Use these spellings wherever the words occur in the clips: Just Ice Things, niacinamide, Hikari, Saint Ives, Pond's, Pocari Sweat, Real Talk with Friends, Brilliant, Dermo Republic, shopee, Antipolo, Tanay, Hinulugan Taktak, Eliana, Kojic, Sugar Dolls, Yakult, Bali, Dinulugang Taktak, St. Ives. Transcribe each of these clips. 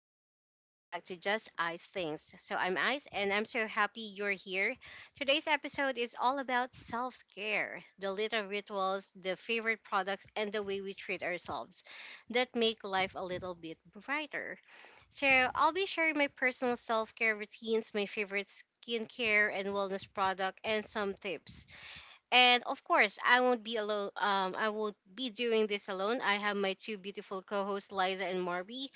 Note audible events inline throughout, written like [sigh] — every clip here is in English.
everyone, welcome back to Just Ice Things. So I'm Ice and I'm so happy you're here. Today's episode is all about self care, the little rituals, the favorite products, and the way we treat ourselves that make life a little bit brighter. So I'll be sharing my personal self care routines, my favorite skincare and wellness product, and some tips. And of course, I won't be alone. I won't be doing this alone. I have my two beautiful co hosts, Liza and Marby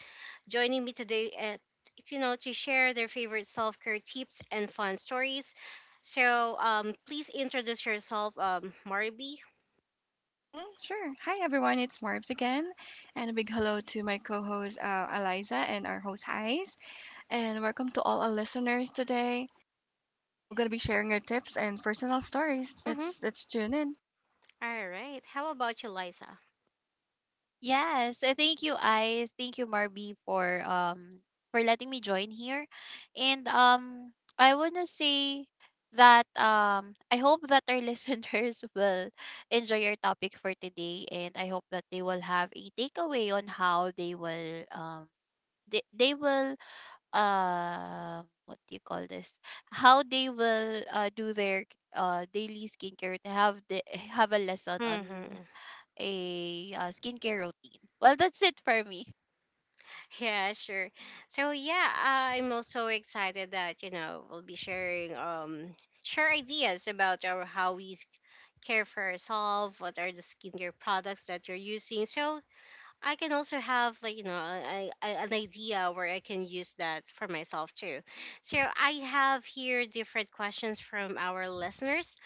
joining me today at you know to share their favorite self-care tips and fun stories. So please introduce yourself, Marby. Sure. Hi, everyone. It's Marbs again. And a big hello to my co host, Eliza, and our host, Hais. And welcome to all our listeners today. And we're going to be sharing our tips and personal stories. Mm-hmm. Let's tune in. All right. How about you, Liza? Yes, thank you, Ice. Thank you, Marby, for letting me join here. And I wanna say that I hope that our [laughs] listeners will enjoy your topic for today, and I hope that they will have a takeaway on how they will they, they will what do you call this? How they will do their daily skincare, to have the have a lesson Mm-hmm. on a, skincare routine. Well, that's it for me. Yeah, sure. So yeah, I'm also excited that you know we'll be sharing share ideas about our how we care for ourselves, what are the skincare products that you're using. So I can also have like you know an idea where I can use that for myself too. So I have here different questions from our listeners.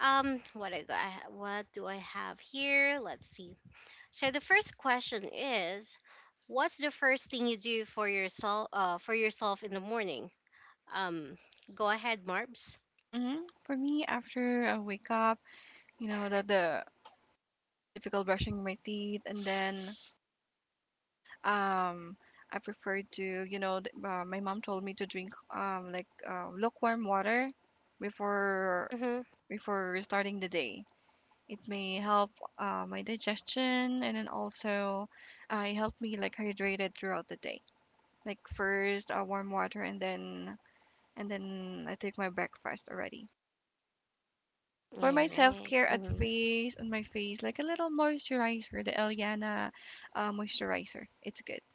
What I got, what do I have here? Let's see. So the first question is, what's the first thing you do for yourself in the morning? Um, Go ahead, Marbs. For me, after I wake up, you know, the, the, the typical brushing my teeth, and then um, I prefer to, my mom told me to drink like lukewarm water before Mm-hmm. before starting the day. It may help my digestion, and then also it helped me like hydrated throughout the day. Like first warm water, and then I take my breakfast already. All For my right. self-care at Mm-hmm. face on my face like a little moisturizer, the Eliana moisturizer. It's good.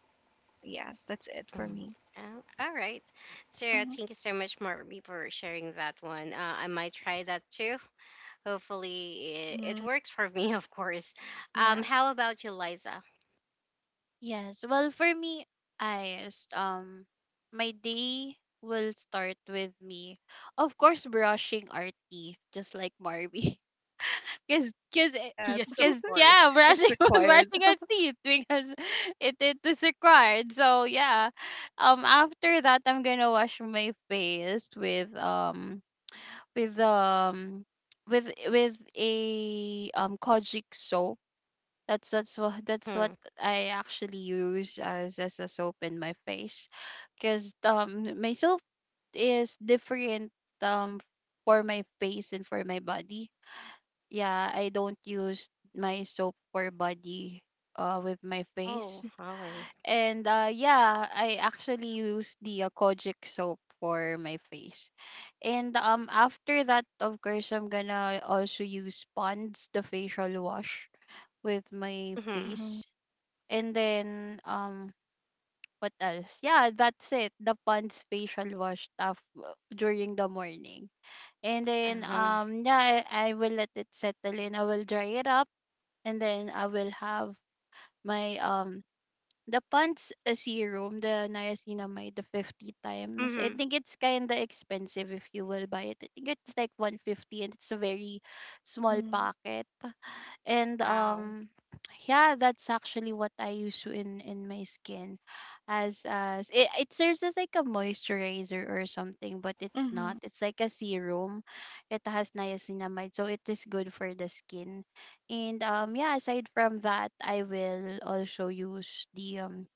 Yes, that's it for Mm. me. Oh, all right. Sarah, Mhm. thank you so much, Marby, for sharing that one. I might try that too. Hopefully, it Mhm. works for me, [laughs] of course. Yeah. How about you, Liza? [laughs] Yes. Well, for me, I s- um my day will start with me, of course, brushing our teeth, just like Marby. [laughs] Cause, cause, it- Yes, Yes, of yeah, course. [laughs] brushing it's [laughs] required. brushing our teeth because it is required. So yeah, after that, I'm gonna wash my face with with um with a kojic soap. That's what Hmm. I actually use as a soap in my face, because my soap is different um for my face and for my body. Yeah, I don't use my soap for body with my Oh, face. Holly. And yeah, I actually use the Kojic soap for my face. And after that, of course, I'm gonna also use Pond's the facial wash with my Mm-hmm. Mhm. face, and then what else? Yeah, that's it. The Pond's facial wash during the morning. And then Mm-hmm. Yeah, I will let it settle in. I will dry it up, and then I will have my the Pond's serum, the niacinamide, the 50 times. I Mm-hmm. think it's kind of expensive if you will buy it. I think it's like 150, and it's a very small Mhm. packet, and Wow. Yeah, that's actually what I use in my skin, as it, it serves as like a moisturizer or something, but it's not, Mhm. it's like a serum. It has niacinamide, so it is good for the skin. And yeah, aside from that, I will also use the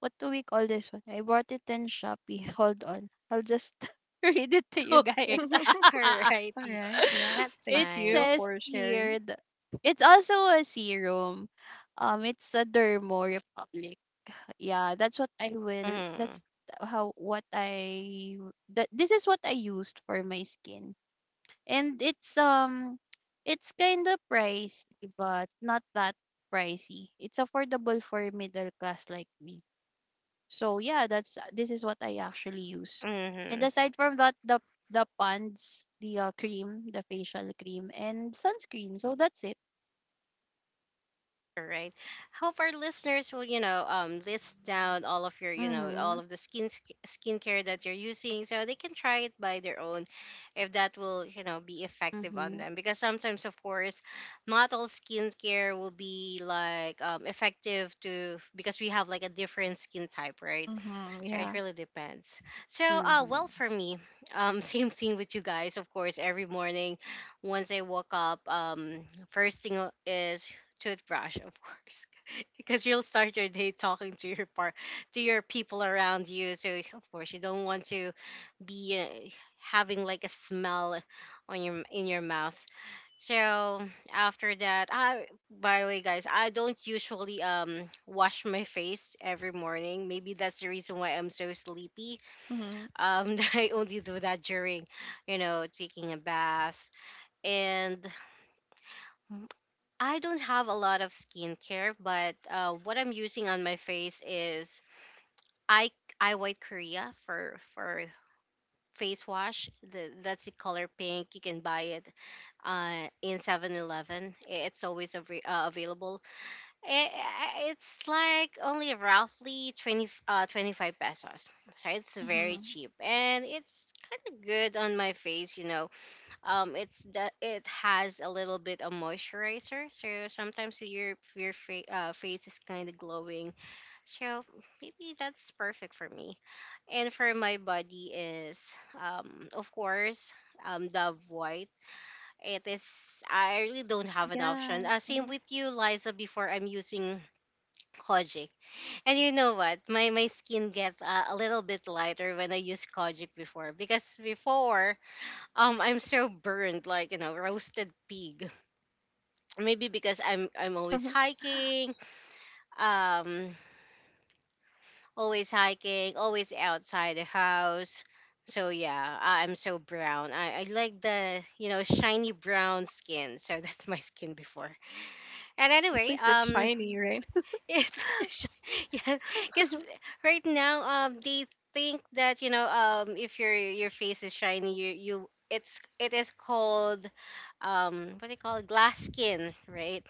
what do we call this one? I bought it in Shopee. [laughs] Hold on, I'll just [laughs] read it to [laughs] you guys. Okay. [laughs] All All righty. right. Yeah. [laughs] That's it Thank fine. you says for here sharing. th- it's also a serum. It's a Dermo Republic. Yeah, that's what I will. Mm-hmm. How what I that this is what I used for my skin, and it's kind of pricey, but not that pricey. It's affordable for middle class like me. So yeah, that's this is what I actually use. And Mm-hmm. aside from that, the pants, the cream, the facial cream, and sunscreen. So that's it. All right. Hope our listeners will, you know, list down all of your, you know, all Mm-hmm. of the skin skincare that you're using, so they can try it by their own, if that will, you know, be effective on Mm-hmm. them. Because sometimes, of course, not all skincare will be like effective to because we have like a different skin type, right? Mhm. So it Yeah. really depends. So, well, Mm-hmm. for me, [laughs] same thing with you guys. Of course, every morning, once I woke up, first thing is toothbrush, of course, [laughs] because you'll start your day talking to your par to your people around you. So of course, you don't want to be having like a smell on your in your mouth. So after that, I by the way, guys, I don't usually wash my face every morning. Maybe that's the reason why I'm so sleepy. Mhm. [laughs] I only do that during, you know, taking a bath. And I don't have a lot of skincare, but what I'm using on my face is I I White Korea for face wash. That's the color pink. You can buy it in 7-Eleven. It's always available. It's like only roughly 25 pesos. So it's very Mhm. cheap and it's kind of good on my face, you know it's that it has a little bit of moisturizer, so sometimes your face is kind of glowing, so maybe that's perfect for me. And for my body is of course Dove white. It is, I really don't have an option. Yes. Same Mhm. with you, Liza. Before I'm using kojic, and you know what, my skin gets a little bit lighter when I use kojic before because before I'm so burned, like you know, roasted pig. Maybe because I'm always hiking, um, always hiking, always outside the house. So yeah, I'm so brown. I like the you know shiny brown skin. So [laughs] that's my skin before. And At anyway, least it's shiny, right? [laughs] yeah, [laughs] this is [laughs] yeah. Because right now, they think that you know, if your face is shiny, you it's it is called, what do you call it? Glass skin, right?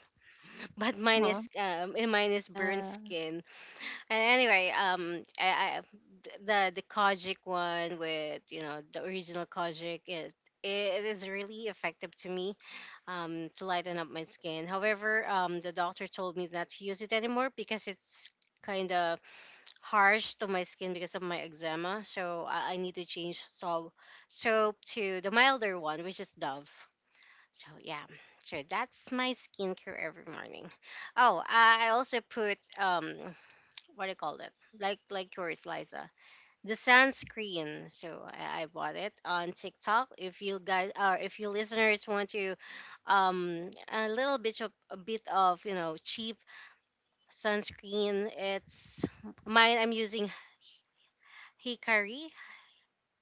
[laughs] But Uh mine is huh. And mine is burnt Yeah. skin. And anyway, I the Kojic one with you know the original Kojic, it is really effective to me, to lighten up my skin. However, the doctor told me not to use it anymore because it's kind of harsh to my skin because of my eczema. So I need to change soap to the milder one, which is Dove. So yeah, so that's my skincare every morning. Oh, I also put what do you call it? Like yours, Liza, the sunscreen. So I bought it on TikTok. If you guys or if you listeners want to, a little bit of you know cheap sunscreen. It's Mine, I'm using Hikari.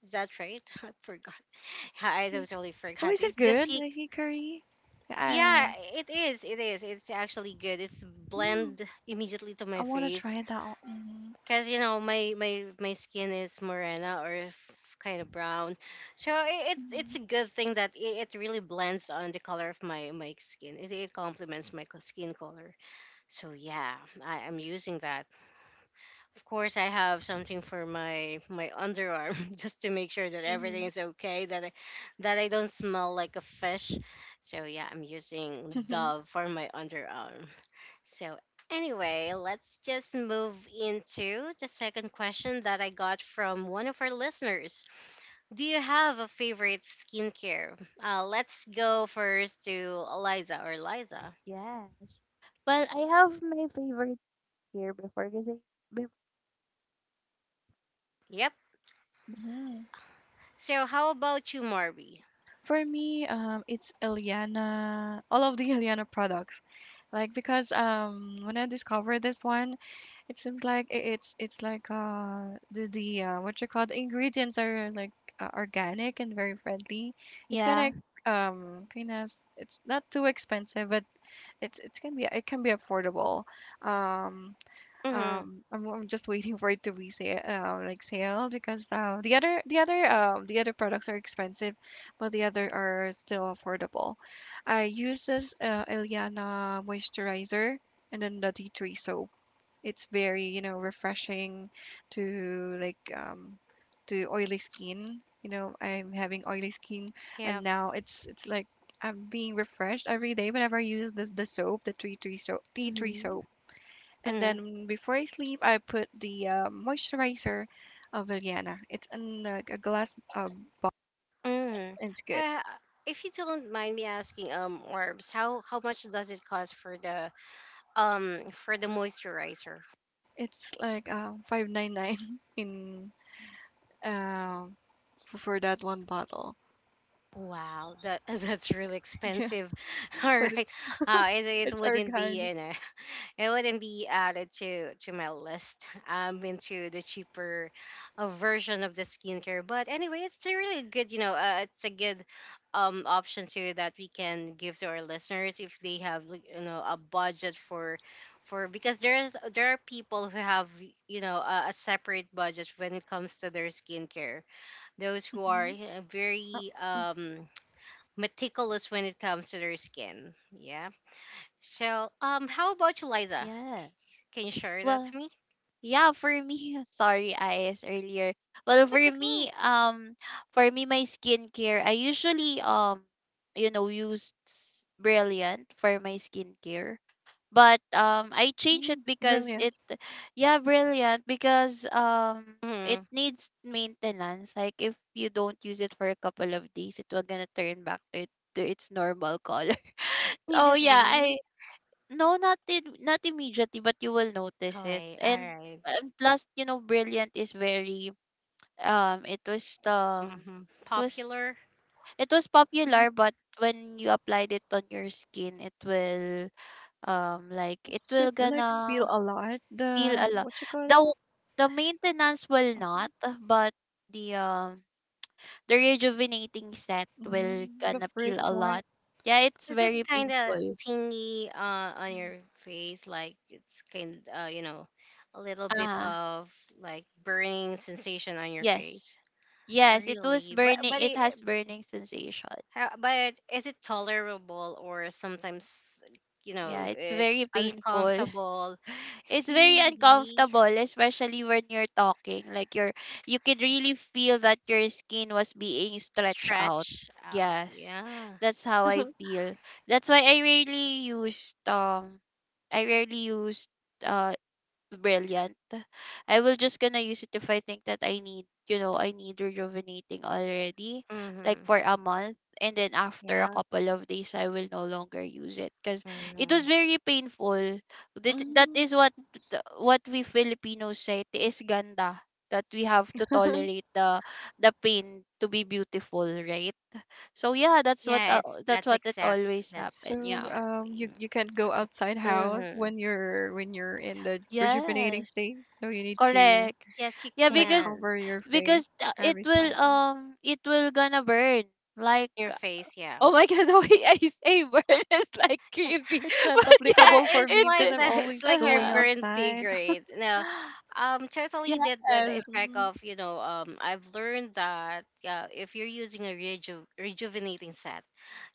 Is that right? [laughs] I forgot. [laughs] I He- totally Oh, forgot. is it It's just good? he. The hickory? Yeah, Yeah. it is. It is. It's actually good. It's Mm, blend immediately to I my wanna face. try that. Mm-hmm. Cause you know my skin is morena or kind of brown, so it's a good thing that it really blends on the color of my skin. It complements my skin color. So yeah, I am using that. Of course, I have something for my underarm [laughs] just to make sure that everything Mm-hmm. is okay. That I don't smell like a fish. So yeah, I'm using Dove for my underarm. So, anyway, let's just move into the second question that I got from one of our listeners. Do you have a favorite skincare? Let's go first to Eliza or Liza. Yes. Well, I have my favorite here before because I before Yep. Mm-hmm. [laughs] So, how about you, Marby? For me, it's Eliana, all of the [laughs] Eliana products. Like, because when I discovered this one, it seems like it's like the what you call, the ingredients are like organic and very friendly. It's kind of, yeah. Kind of it's not too expensive, but it can be affordable. Um Mm-hmm. I'm just waiting for it to be sale, like sale, because the other products are expensive, but the other are still affordable. I use this Eliana moisturizer and then the tea tree soap. It's very, refreshing to like um to oily skin. I'm having oily skin, Yeah. and now it's like I'm being refreshed every day whenever I use the soap, the tea tree soap, tea tree Mm-hmm. soap. And Mm-hmm. then before I sleep, I put the moisturizer of Eliana. It's in like a glass. Um, Mm-hmm. it's good. If you don't mind me asking, Orbs, how much does it cost for the moisturizer? It's like 599 [laughs] in uh, for that one bottle. Wow, that [laughs] that's really [laughs] Yeah, expensive. [laughs] All but right, it it's wouldn't be organic. you know [laughs] it wouldn't be added to my list. I'm into the cheaper version of the skincare, but anyway, it's a really good you know it's a good option too that we can give to our listeners if they have like, you know, a budget for because there are people who have you know a separate budget when it comes to their skincare, those who are Mhm. Uh, very meticulous when it comes to their skin. Yeah. So, how about you, Liza? Yeah. Can you share that to Well, me? yeah, for me, [laughs] sorry, Ice, earlier. Well, It's okay. For me, my skincare, I usually, you know, Brilliant for my skincare. But I change it because Brilliant. it, yeah, Brilliant because it Mm-hmm. needs maintenance. Like if you don't use it for a couple of days, it will gonna turn back to, it, to its normal color. [laughs] So yeah, Immediately. no, not in, not immediately, but you will notice Oh, it. wait. All right. And plus, you know, Brilliant is very um it was um Mm-hmm. it was Popular. it was Mhm. popular, but when you applied it on your skin, it will like Does it it will like gonna peel a lot? peel a The lot. what you call The it? the maintenance will not, but the um the rejuvenating set will Mm, the gonna peel a first one. lot. Yeah, it's Is it very kind of painful. tingy on Mhm. your face? Like it's kind you know, a little bit Ah. of like burning sensation on your Yes. face. Yes, it was Really, but burning, it has burning sensation. how, but is it tolerable or sometimes, you Yeah, know, it's very it's painful. uncomfortable? [laughs] It's very Really uncomfortable, especially when you're talking. Like you're you could really feel that your skin was being stretched out. stretch out. Yes. Yeah. That's how I feel. That's why I rarely used uh brilliant. I will just gonna use it if I think that I need, you know, I need rejuvenating already, like Mm-hmm. for a month. And then after a Yeah. couple of days, I will no longer use it because it was Mm-hmm. very painful. That, that Mm. is what what we Filipinos say, tiis ganda, that we have to tolerate the pain to be beautiful, right? So yeah, Yeah, it's that's that's what it exact. always That's happen. So Yeah. Exactly. you can't go outside house Mm-hmm. when you're in the rejuvenating Yes. state. So you need to Correct. Yes, you Yeah, like can. cover your face because every time. It will gonna burn like Your face, yeah. oh my [laughs] god, the way I say burn [laughs] is like creepy, It's [laughs] not but yeah, Yeah, applicable for it's me like because it I'm the [laughs] always it's like your going uh, burnt pig, outside. [laughs] right? Now, totally yes. did the effect Hmm. of you know I've learned that, yeah, if you're using a rejuvenating set,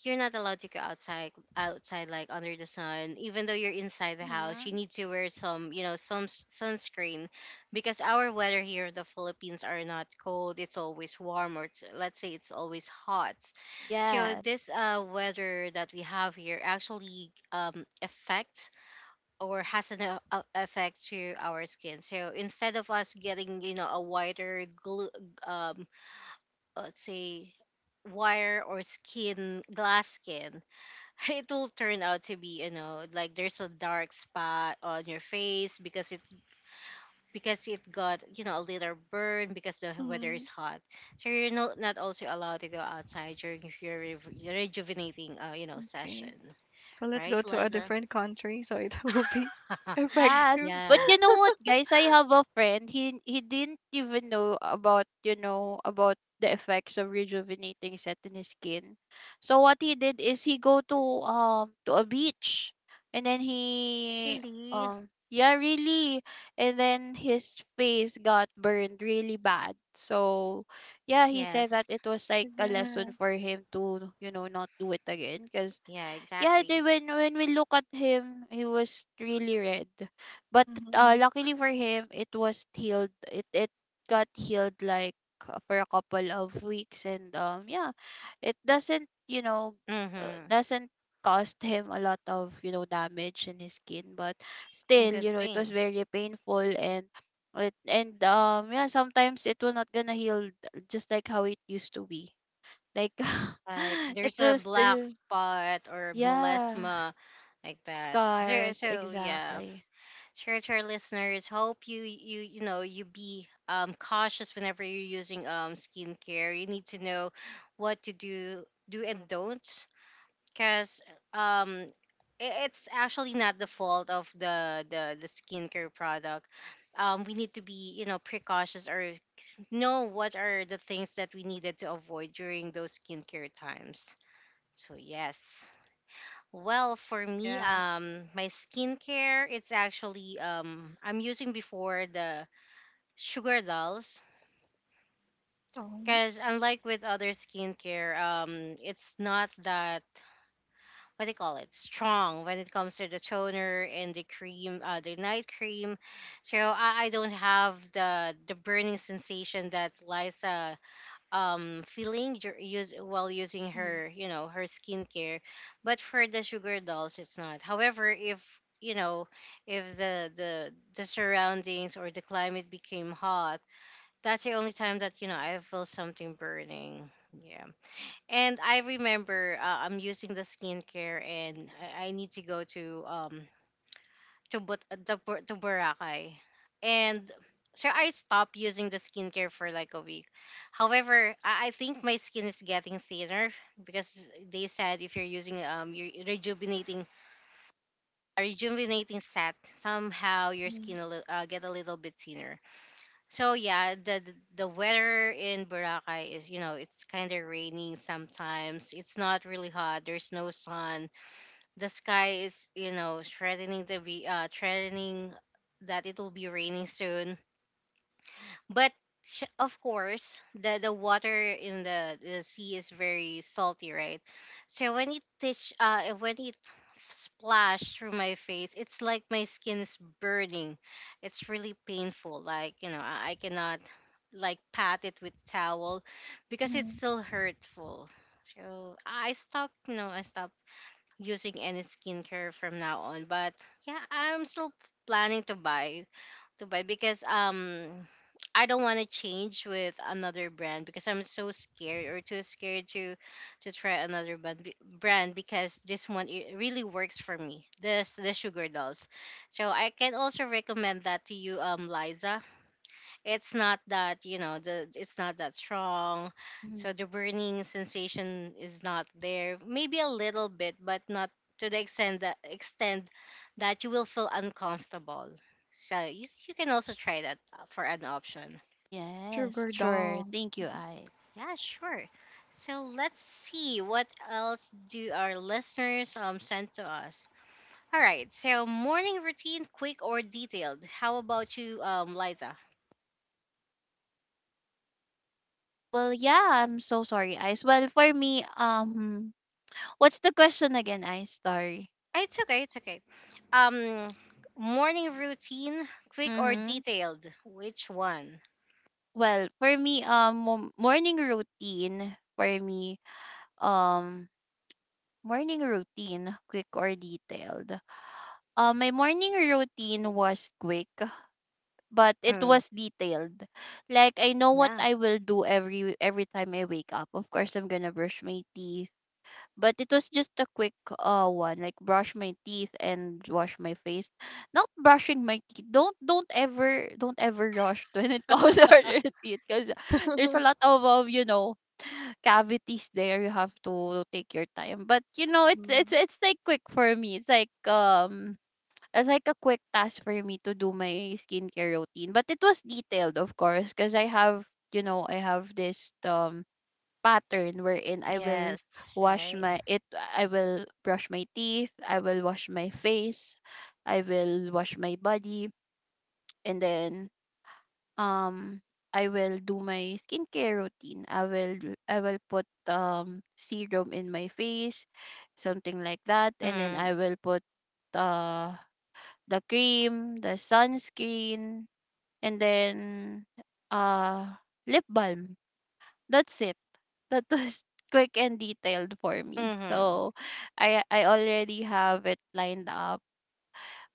you're not allowed to go outside like under the sun. Even though you're inside the house, you Mm-hmm. need to wear some you know some sunscreen because our weather here in the Philippines are not cold. It's always warm or it's, let's say, it's always hot. So Yes. this weather that we have here actually affects or has an effect to our skin. So instead of us getting you know a whiter glue, um, let's say wire or skin glass skin, [laughs] it will turn out to be you know like there's a dark spot on your face because it got you know a little burn because the weather Hmm. is hot, so you're not also allowed to go outside during your rejuvenating you know Okay, session, so let's right, go to a Liza? different country so it [laughs] will be [laughs] Yes, effective. but Yeah, you know what, guys? I have a friend. He didn't even know about you know about the effects of rejuvenating set in his skin. So what he did is he go to a beach, and then he really. Yeah really, and then his face got burned really bad. So yeah, he said that Yes. it was like a Yeah. lesson for him to you know not do it again because Yeah, yeah, they, exactly. When we look at him, he was really red. But Hmm. luckily for him, it was healed. It got healed like for a couple of weeks, and yeah, it doesn't you know Mm-hmm. doesn't cost him a lot of you know damage in his skin. But still, Good you know, it was thing. very painful and. It, and yeah, sometimes it will not gonna heal just like how it used to be like. Like [laughs] It there's a will black still spot or yeah melasma like that. There- scars, so yeah, exactly. sure, to our listeners, hope you know you be cautious whenever you're using skincare. You need to know what to do, and don't, because um it's actually not the fault of the the skincare product. We need to be you know precautious or know what are the things that we needed to avoid during those skincare times. So yes. Well, for me, Yeah. My skincare, it's actually I'm using before the Sugar Dolls, Oh. because unlike with other skincare, it's not that, what do you call it, strong when it comes to the toner and the cream, the night cream. So I don't have the burning sensation that Liza feeling use while using Mm-hmm. her her skincare, but for the Sugar Dolls it's not. However, if you know, if the surroundings or the climate became hot, that's the only time that I feel something burning, yeah. And I remember, I'm using the skincare, and I need to go to Boracay, and so I stopped using the skincare for like a week. However, I think my skin is getting thinner because they said if you're using your rejuvenating set, somehow your Mm-hmm. skin get a little bit thinner. So yeah, the weather in Boracay is, it's kind of raining sometimes. It's not really hot. There's no sun. The sky is, threatening to be, threatening that it will be raining soon. But of course the water in the sea is very salty, right? So when it when it splashed through my face, it's like my skin is burning. It's really painful. Like, I cannot like pat it with towel because it's Mm-hmm. still hurtful. So I stopped using any skincare from now on. But yeah, I'm still planning to buy, because I don't want to change with another brand because I'm so scared or too scared to try another brand be- brand because this one, it really works for me. This the Sugar Dolls. So I can also recommend that to you, Liza. It's not that, you know the it's not that strong, Mhm. so the burning sensation is not there. Maybe a little bit, but not to the extent that you will feel uncomfortable. So you can also try that, for an option. Yes, Sugar sure. dolls. Thank you, Ice. Yeah, sure. So let's see what else do our listeners send to us. All right, so morning routine, quick or detailed? How about you, Liza? Well, yeah, I'm so sorry, Ice. Well, what's the question again, Ice? Sorry. It's okay. It's okay. Um, Morning routine, quick or Mm-hmm. detailed? Which one? Well, for me, morning routine. For me, um, morning routine, quick or detailed. My morning routine was quick, but it Mm, was detailed. Like I know what yeah. I will do every time I wake up. Of course, I'm gonna brush my teeth, but it was just a quick one, like brush my teeth and wash my face. Not brushing my teeth. Don't ever rush [laughs] when it comes [laughs] to your teeth, because [laughs] there's Hmm. a lot of you know cavities there. You have to take your time, but you know it's it's like quick for me. It's like as like a quick task for me to do my skincare routine. But it was detailed, of course, because I have, you know, I have this pattern wherein Yes. Right. I will brush my teeth, I will wash my face, I will wash my body, and then um I will do my skincare routine. I will put serum in my face, something like that, and then Mm, I will put uh the cream, the sunscreen, and then uh lip balm. That's it. That was [laughs] quick and detailed for me. mm-hmm. So I already have it lined up,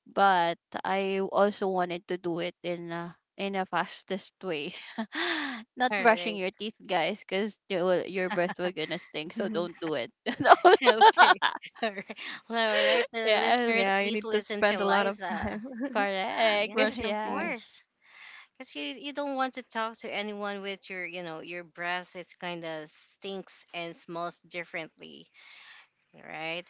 but I also wanted to do it in a fastest way. [laughs] All Not brushing right. your [laughs] teeth, guys, because you will, your breath will gonna stink. So don't [laughs] do it. [laughs] No. Okay. [laughs] All right. Well, all right. The Yes, listeners, Yeah, you please need to listen to spend a lot of [laughs] Liza. time. correct. [laughs] Yes, of Brushing teeth. Yes. course. Because you don't want to talk to anyone with your, you know, your breath is kind of stinks and smells differently, right?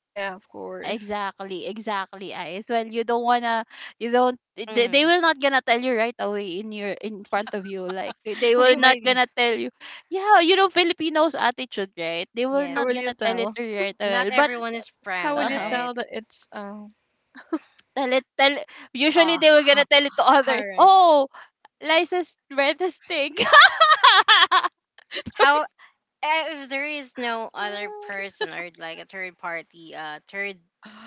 Yeah, of Yeah, course. exactly, exactly, Ice. Well, you don't wanna, you don't. They Mm. will not gonna tell you right away in your in front of you. Like they They will not might, gonna tell you. Yeah, you know Filipinos attitude, right? They [laughs] will How yes. not will you gonna tell it tell? to you right Not away. But everyone is How prank, will you um, right? tell that it's tell. Usually Oh, they will gonna [laughs] tell it to all others. right. Oh, Liza's breath is stink. [laughs] How, eh, if there is no other uh, person or like a third party, third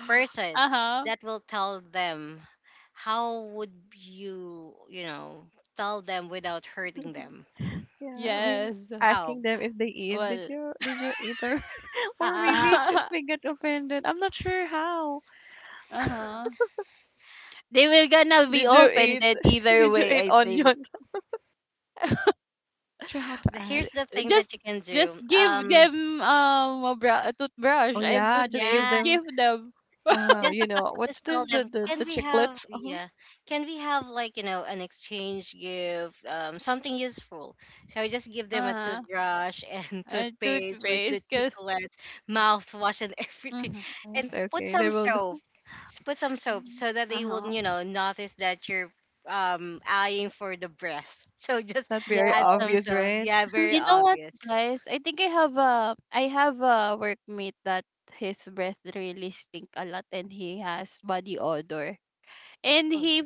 person Uh huh. that will tell them, how would you, you know, tell them without hurting them? yeah, I mean, Yes. How? asking them if they eat. Did Well. you eat, or [laughs] or [laughs] maybe it, [laughs] it Uh may get offended. I'm not sure how. huh. They will gonna be Did you eat offended [laughs] either did you way, eat I think. onion? [laughs] Not sure how to Uh, Here's ask. the thing Just that you can just do. give them a toothbrush Oh and yeah, just give toothpaste. yeah, them Give them just just what's tell this, the them, the, can the we have, chiclets? [laughs] yeah, can we have like, you know, an exchange gift, something useful? So I just give them a uh-huh toothbrush and [laughs] and toothpaste with the toothpaste because chocolates, mouthwash and [laughs] everything, uh. Uh-huh. and Yes, put okay, they some will soap. know. Put some [laughs] soap Mhm. so that they will, Uh-huh. you know, notice that you're eyeing for the breath, [laughs] so It's just not Yeah. very add some obvious, soap. right? Yeah, [laughs] very You know what, obvious. guys? I think I have a workmate that his breath really stink a lot and he has body odor. And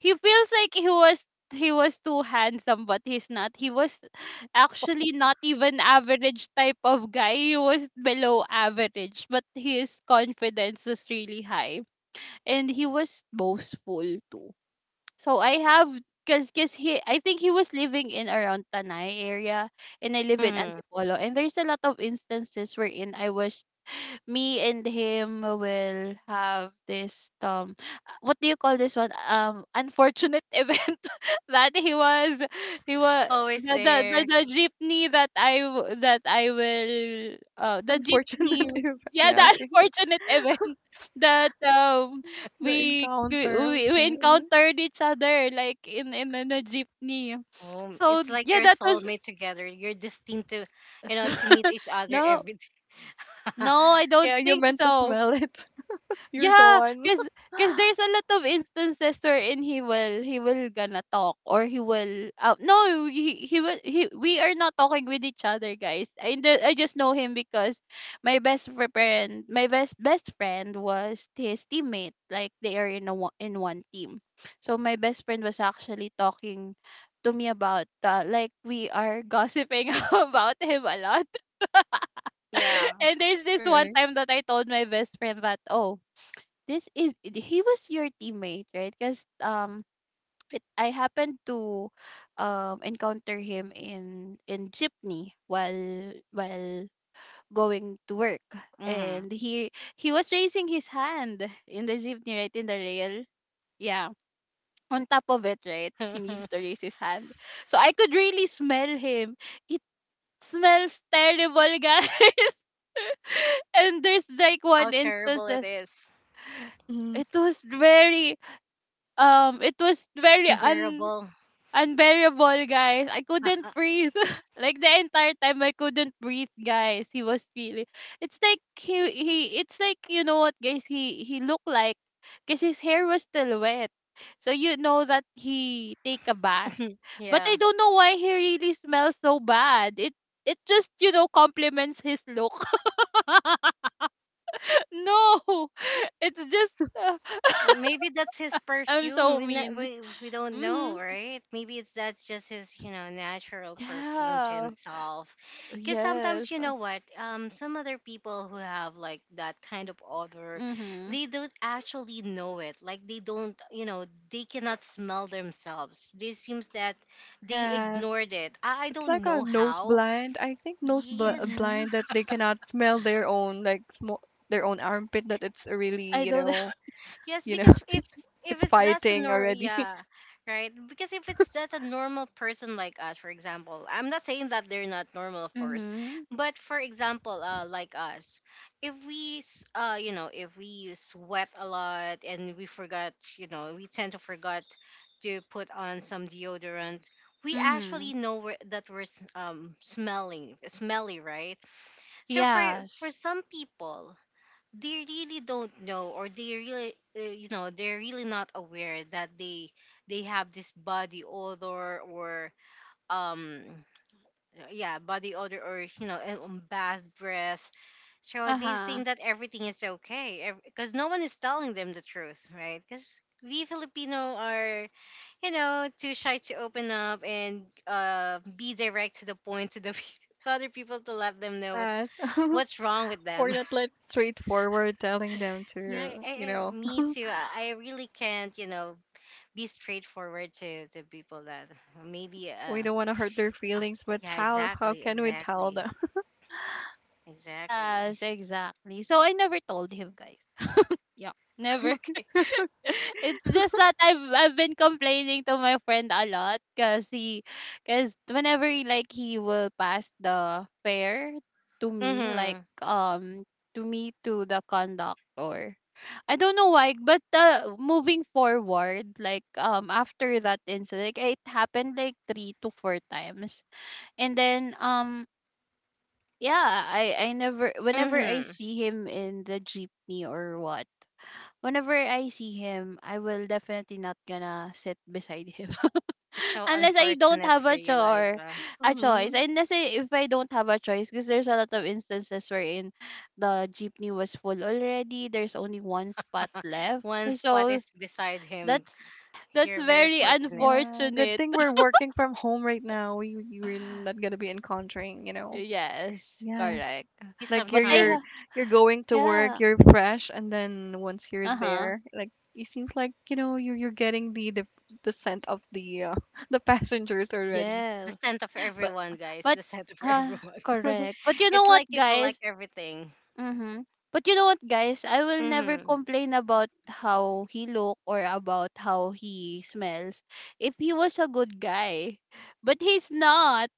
he feels like he was too handsome, but he's not. He was actually not even average type of guy, he was below average, but his confidence was really high and he was boastful too. So I have, because he I think he was living in around Tanay area, and I live in Hmm. Antipolo, and there's a lot of instances wherein I was me and him will have this what do you call this one, unfortunate [laughs] event [laughs] that he was Always the there. the jeepney that that I will the Unfortunate, [laughs] jeepney. if Yeah, the yeah, [laughs] okay. unfortunate event [laughs] that The we, encounter of we it. Mhm. encountered each other like in a jeepney. Oh, So it's like yeah, your that was soulmate together. You're destined to, you know, to [laughs] meet each other no, every day. [laughs] no, I don't Yeah, you think meant to so. smell it. [laughs] You're the Yeah, one. [laughs] cause cause there's a lot of instances wherein he will gonna talk or he will no he he will he we are not talking with each other, guys. I just know him because my best friend was his teammate, like they are in one team. So my best friend was actually talking to me about, like, we are gossiping [laughs] about him a lot. Yeah. [laughs] And there's this one Alright. time that I told my best friend that, oh, this is he was your teammate, right? Because it, I happened to encounter him in jeepney while going to work. Hmm. And he was raising his hand in the jeepney, right in the rail. Yeah, on top of it, right? He needs to [laughs] raise his hand. So I could really smell him. It smells terrible, guys. [laughs] And there's like How one instance terrible it that... is. Mm-hmm. it was very it was very un Unbearable. unbearable, guys. I couldn't [laughs] breathe, [laughs] like the entire time I couldn't breathe, guys. He was really... it's like, you know what, guys, he looked like, because his hair was still wet, so you know that he take a bath. But Yeah. I don't know why he really smells so bad. It just, complements his look. [laughs] No. [laughs] It's just uh, Maybe that's his I'm perfume. so mean. We don't know, Mm-hmm. right? Maybe it's that's just his, you know, natural perfume to Yeah. himself. Because Yes. sometimes, you know what, some other people who have like that kind of odor, Mm-hmm. they don't actually know it. Like they don't, you know, they cannot smell themselves. This seems that they Yeah, ignored it. I it's don't like a know nose how. blind. I think nose bl Yes, Mm-hmm. blind, that they cannot smell their own like smoke, their own armpit. That it's really, I don't know. [laughs] Yes, you know, because if [laughs] if it's it's that's a fighting nor already. yeah, [laughs] right? Because if it's that a normal person like us, for example, I'm not saying that they're not normal, of course, Mm-hmm. but for example, like us, if you know, if we sweat a lot and we forgot, you know, we tend to forget to put on some deodorant. We Mm-hmm. actually know that we're smelly, right? So for Yes. some people, they really don't know, or they really, you know, they're really not aware that they have this body odor or um yeah body odor, or you know, bad breath. So they Uh-huh. think that everything is okay because no one is telling them the truth, right? Because we Filipino are, you know, too shy to open up and be direct to the point, to the [laughs] to other people, to let them know what's Yeah, wrong with we're them. not like straightforward telling them Yeah, to, me too. I really can't, you know, be straightforward to people that [laughs] maybe. [laughs] we don't want to hurt their uh, feelings, but yeah, how exactly, can we tell exactly, them? [laughs] exactly. Yes, exactly. So I never told him, guys. Yeah, [laughs] never. Okay. [laughs] It's just that I've been complaining to my friend a lot because he, because whenever he, like, he will pass the fare to me, like, Mhm. To me, to the conductor. I don't know why, but moving forward, like, after that incident, like, it happened like 3 to 4 times. And then, yeah, I never, whenever I Mhm. see him in the jeepney or what, whenever I see him, I will definitely not gonna sit beside him. [laughs] It's so Unless I don't unfortunate have for a you, chore, Liza. a choice. Mm-hmm. Unless I, if I don't have a choice. Because there's a lot of instances wherein the jeepney was full already. There's only one spot [laughs] left, One spot so is beside him. that's that's You're very very Oh, fortunate. yeah. Good unfortunate. thing we're working from home right now. We're not gonna [laughs] be encountering. Yes, Yes. correct. You Like, you're But I you're ha- sometimes you're going to work, yeah. you're fresh, and then once you're uh huh, there, like it seems like, you're getting the scent of the [laughs] the passengers already. the yes, scent of but everyone, guys. but The scent of uh, everyone. correct. [laughs] But you [laughs] know It's what, like you guys? collect everything. Mm-hmm. But you know what, guys? I will never Mhm. complain about how he look or about how he smells if he was a good guy. But he's not.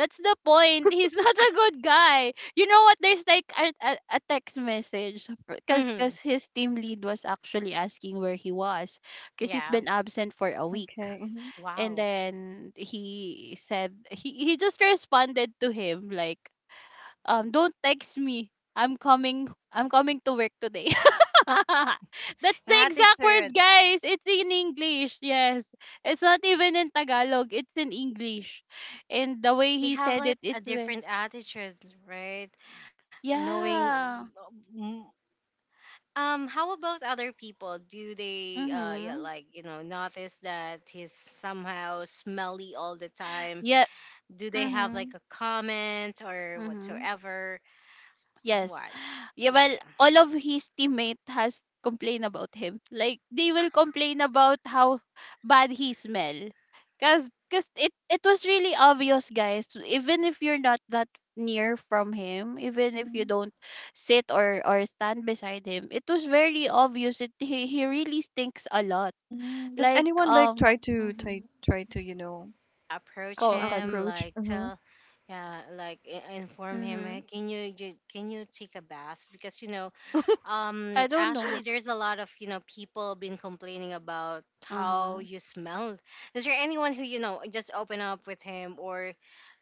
That's the point. He's [laughs] not a good guy. You know what? There's like a text message, because cause 'cause Mhm. his team lead was actually asking where he was, because he's Yeah. been absent for a week. Okay. Hmm. And Wow. then he said, he just responded to him like, don't text me, I'm coming, I'm coming to work today. [laughs] That's the That is exact words, true. guys. It's in English, yes. It's not even in Tagalog, it's in English. And the way They he have said it. like a different attitude, right? Knowing, Yeah. mm, how about other people? Do they, yeah, Mhm. like, you know, notice that he's somehow smelly all the time? Yeah. Do they have like Mhm. a comment or Mhm. whatsoever? Yes. What? Yeah, well, Yeah, all of his teammate has complained about him. Like, they will complain about how bad he smell. Cause it was really obvious, guys. Even if you're not that near from him, even if you Hmm. don't sit, or stand beside him, it was very obvious. He really stinks a lot. Does Like anyone like um try to try mm-hmm. try to, approach con- him approach? like Mhm. tell. Yeah, like inform him. mm-hmm. "Hey, can can you take a bath? Because, you know, I don't actually, know. there's a lot of, you know, people been complaining about how Uh-huh. you smell." Is there anyone who, you know, just open up with him, or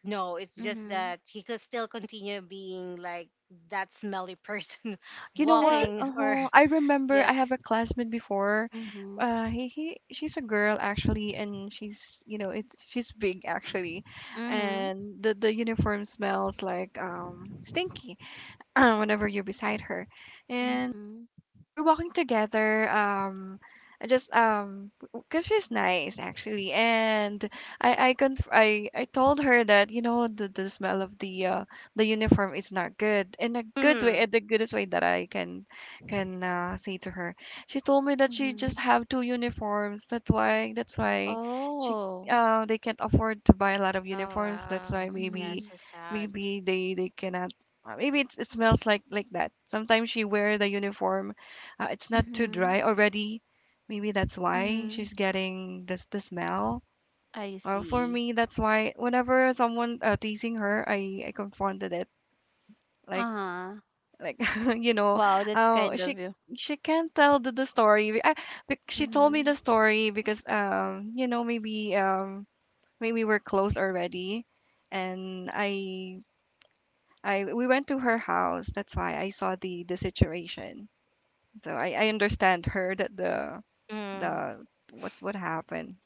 no? It's just Mm-hmm. that he could still continue being like that smelly person [laughs] You know I what? think. walking, or Uh-huh. I remember I yes. have a classmate before. Mm-hmm. He she's a girl, actually, and she's you know it she's big, actually, and the uniform smells like stinky [clears throat] whenever you're beside her, and Mhm, um, We're walking together. I just, because she's nice, actually, and I conf I told her that the smell of the uniform is not good, in a good way, Hmm. in the goodest way that I can say to her. She told me that she mhm. just have two uniforms. That's why she Oh. They can't afford to buy a lot of Oh uniforms. That's why wow, yeah, maybe Mhm, so sad. maybe they cannot. Maybe it smells like that. Sometimes she wear the uniform, it's not too mhm, dry already. Maybe that's why mhm. she's getting this the smell. I Or for see. me, that's why whenever someone teasing her, I confronted it. Like Uh-huh. like [laughs] you know, Wow, that's uh, kind of she you. she can't tell the story. She told me Mhm. the story because maybe we're close already, and I we went to her house. That's why I saw the situation. So I understand her that the Mm. the what happened.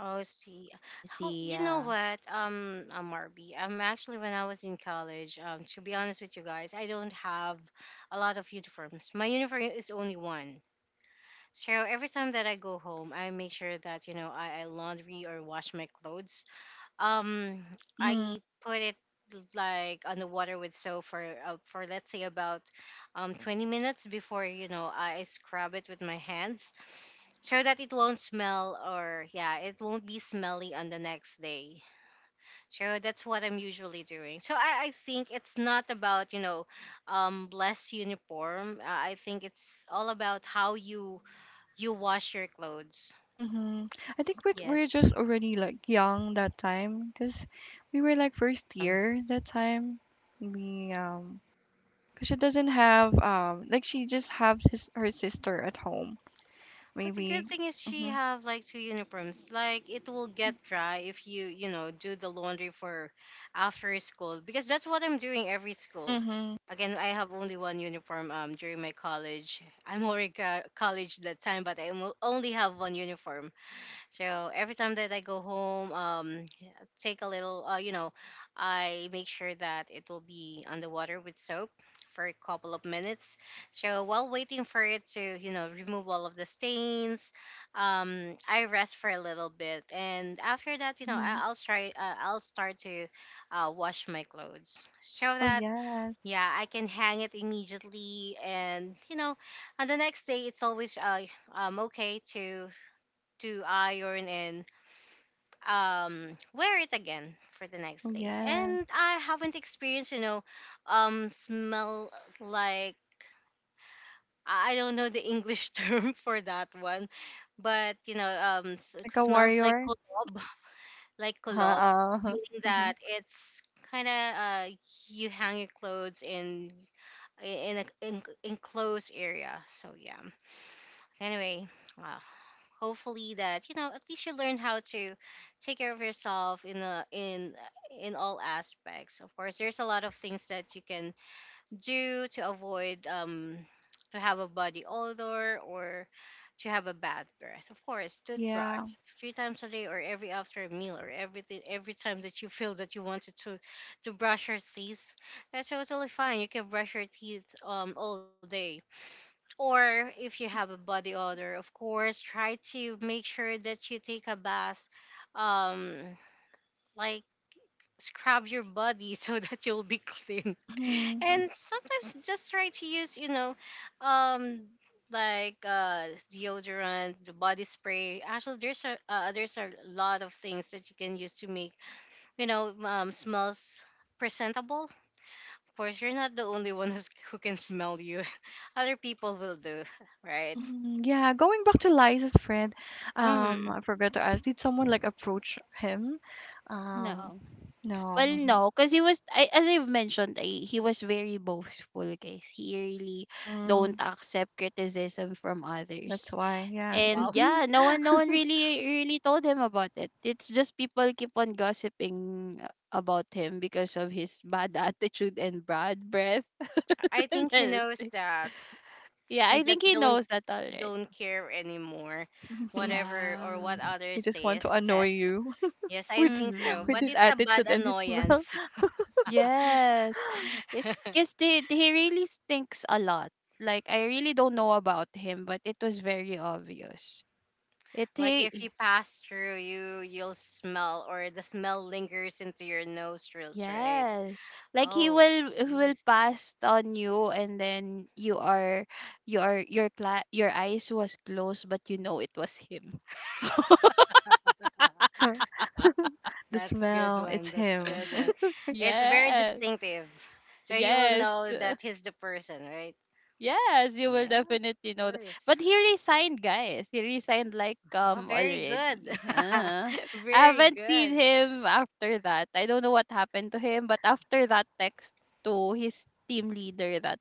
Oh, see, I how, see. you know Yeah. what, Marby, actually, when I was in college, to be honest with you guys, I don't have a lot of uniforms. My uniform is only one. So every time that I go home, I make sure that, you know, I laundry or wash my clothes. Um, Mm-hmm. I put it like on the water with soap for, for, let's say, about 20 minutes before, you know, I scrub it with my hands so that it won't smell, or yeah, it won't be smelly on the next day. So that's what I'm usually doing. I think it's not about, you know, less uniform. I think it's all about how you wash your clothes. Mm-hmm. I think we're Yes, just already like young that time, because we were like first um, year that time. We Because she doesn't have, like, she just have his her sister at home but the good maybe. thing is she Mm-hmm. have like two uniforms. Like it will get dry if you, you know, do the laundry for after school, because that's what I'm doing every school. Mm-hmm. Again, I have only one uniform during my college. I'm already college that time, but I only have one uniform. So every time that I go home, take a little, you know, I make sure that it will be on the water with soap for a couple of minutes. So while waiting for it to, you know, remove all of the stains, I rest for a little bit, and after that, you know, hmm I'll try, I'll start to, wash my clothes so Oh that, yes. yeah, I can hang it immediately, and you know, on the next day, it's always, okay to iron and wear it again for the Oh next day. yes. And I haven't experienced, you know, smell like, I don't know the English [laughs] term for that one, but you know, Like a smells like warrior. kulob, like Uh-huh. kulob, Uh-huh. meaning Mm-hmm. that it's kind of, uh, you hang your clothes in a in, enclosed area. So yeah, anyway, wow. Hopefully that, you know, at least you learn how to take care of yourself in a, in all aspects. Of course, there's a lot of things that you can do to avoid, to have a body odor, or to have a bad breath. Of course, toothbrush Yeah. three times a day, or every after a meal, or everything every time that you feel that you wanted to brush your teeth. That's totally fine. You can brush your teeth all day. Or if you have a body odor, of course, try to make sure that you take a bath, um, like scrub your body [laughs] so that you'll be clean. Mm-hmm. [laughs] And sometimes just try to use, you know, um, like uh, deodorant, the body spray. Actually, there's a, there's a lot of things that you can use to make, you know, smells presentable. Of course, you're not the only one who can smell you. [laughs] Other people will do, right? Mhm. Yeah, going back to Liza's friend, Mm. I forgot to ask, did someone like approach him? Um, No. Well, no. no, because he was, as I've mentioned, he was very boastful, guys. He really don't Mm, accept criticism from that's others. why, yeah. [laughs] And Wow. yeah, no one really really told him about it. It's just people keep on gossiping about him because of his bad [laughs] attitude and bad breath. I [laughs] think he And all knows those, that. yeah, I I just think he knows that already. don't care anymore, whatever Yeah. or what He others just want to annoy says. you Yes, [laughs] I with think so, with but his Mm-hmm. it's a bad attitude and his smell. annoyance. Yes. It's because [laughs] he really stinks a lot. Like, I really don't know about him, but it was very obvious. It Like if you he, pass through, you'll smell, or the smell lingers into your nostrils, right? Yes. Like Oh, he will jeez. pass on you, and then you are, your eyes was closed, but you know it was him. [laughs] So. [laughs] [laughs] The That's good smell, it's one. That's him. good [laughs] one. [laughs] It's very Yes. distinctive, so you will Yes. know that he's the person, right? Yes, you will Yeah, of definitely know that. But course. he resigned, guys. He resigned like, Oh, very good. already. [laughs] Uh-huh. I Very haven't seen good. him after that. I don't know what happened to him, but after that text to his team leader, that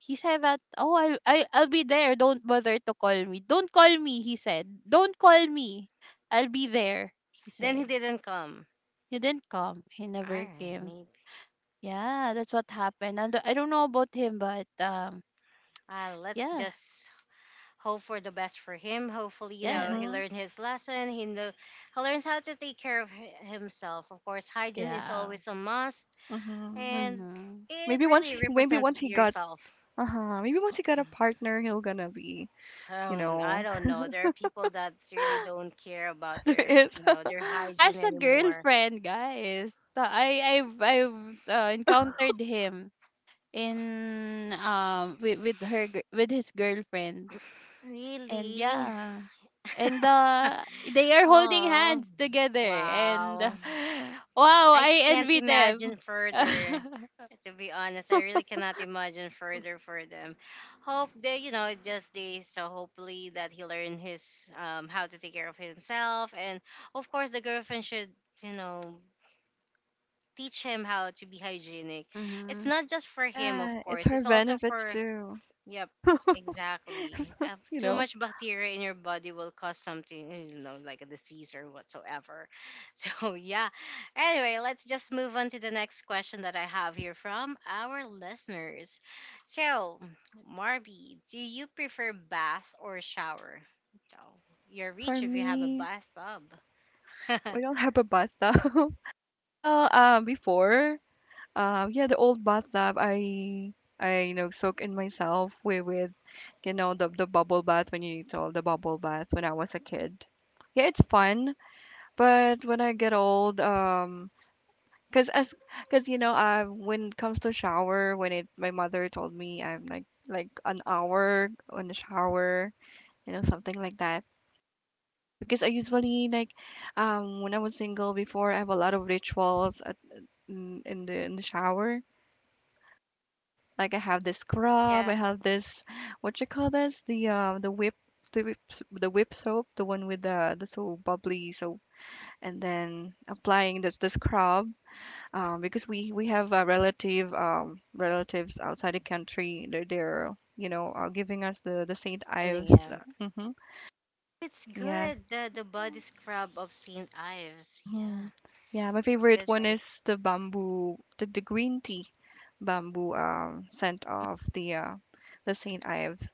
he said that, oh, I'll be there, don't bother to call me, don't call me, he said, don't call me, I'll be there, he Then he said. didn't come. He didn't come, he never I came. maybe. Yeah, that's what happened. And I don't know about him, but Let's yeah. just hope for the best for him. Hopefully, Yes. he Mm-hmm. learned his lesson. He know, he learns how to take care of himself. Of course, hygiene is Yeah. always a must, Mm-hmm. and Mm-hmm. it really Maybe represents once of he got, yourself. uh-huh. Maybe once he got a partner, he'll gonna be, you I know, don't know. There are people that really don't care [laughs] about there their, is. Their He hygiene has a anymore. girlfriend, guys. So I've [laughs] encountered him in, with, with his girlfriend. And Really? yeah, and they are holding Oh, hands together, and [gasps] wow. [laughs] Wow, I I can't envy imagine them. further. [laughs] To be honest, I really cannot imagine further for them. Hope they, you know, just they. So hopefully that he learned his how to take care of himself, and of course the girlfriend should, you know, teach him how to be hygienic. It's Mhm. not just for him, of Yeah, it's course. her It's also benefits for. too. Yep, [laughs] exactly. [laughs] You Too know, much bacteria in your body will cause something, like a disease or whatsoever. [laughs] So, yeah. Anyway, let's just move on to the next question that I have here from our listeners. So, Marby, do you prefer bath or shower? Oh, you're for rich if you have a me, bathtub. [laughs] we don't have a bathtub. [laughs] Well, before, yeah, the old bathtub, I, soak in myself with, the bubble bath, when you told the bubble bath, when I was a kid. Yeah, it's fun, but when I get old, cause as, cause when it comes to shower, my mother told me I'm like an hour on the shower, something like that. Because I usually like when I was single before I have a lot of rituals at, in the shower. Like, I have this scrub, Yeah. I have this, what you call this, the whip soap, the one with the so bubbly soap, and then applying this the scrub, because we have a relative relatives outside the country, they're giving us the Saint And then, Ives. yeah. Mhm. It's Yes. good. The body scrub of St. Ives. Yeah. Mhm. Yeah, my It's favorite good, one right? is the bamboo, the green tea bamboo scent of the Saint Ives.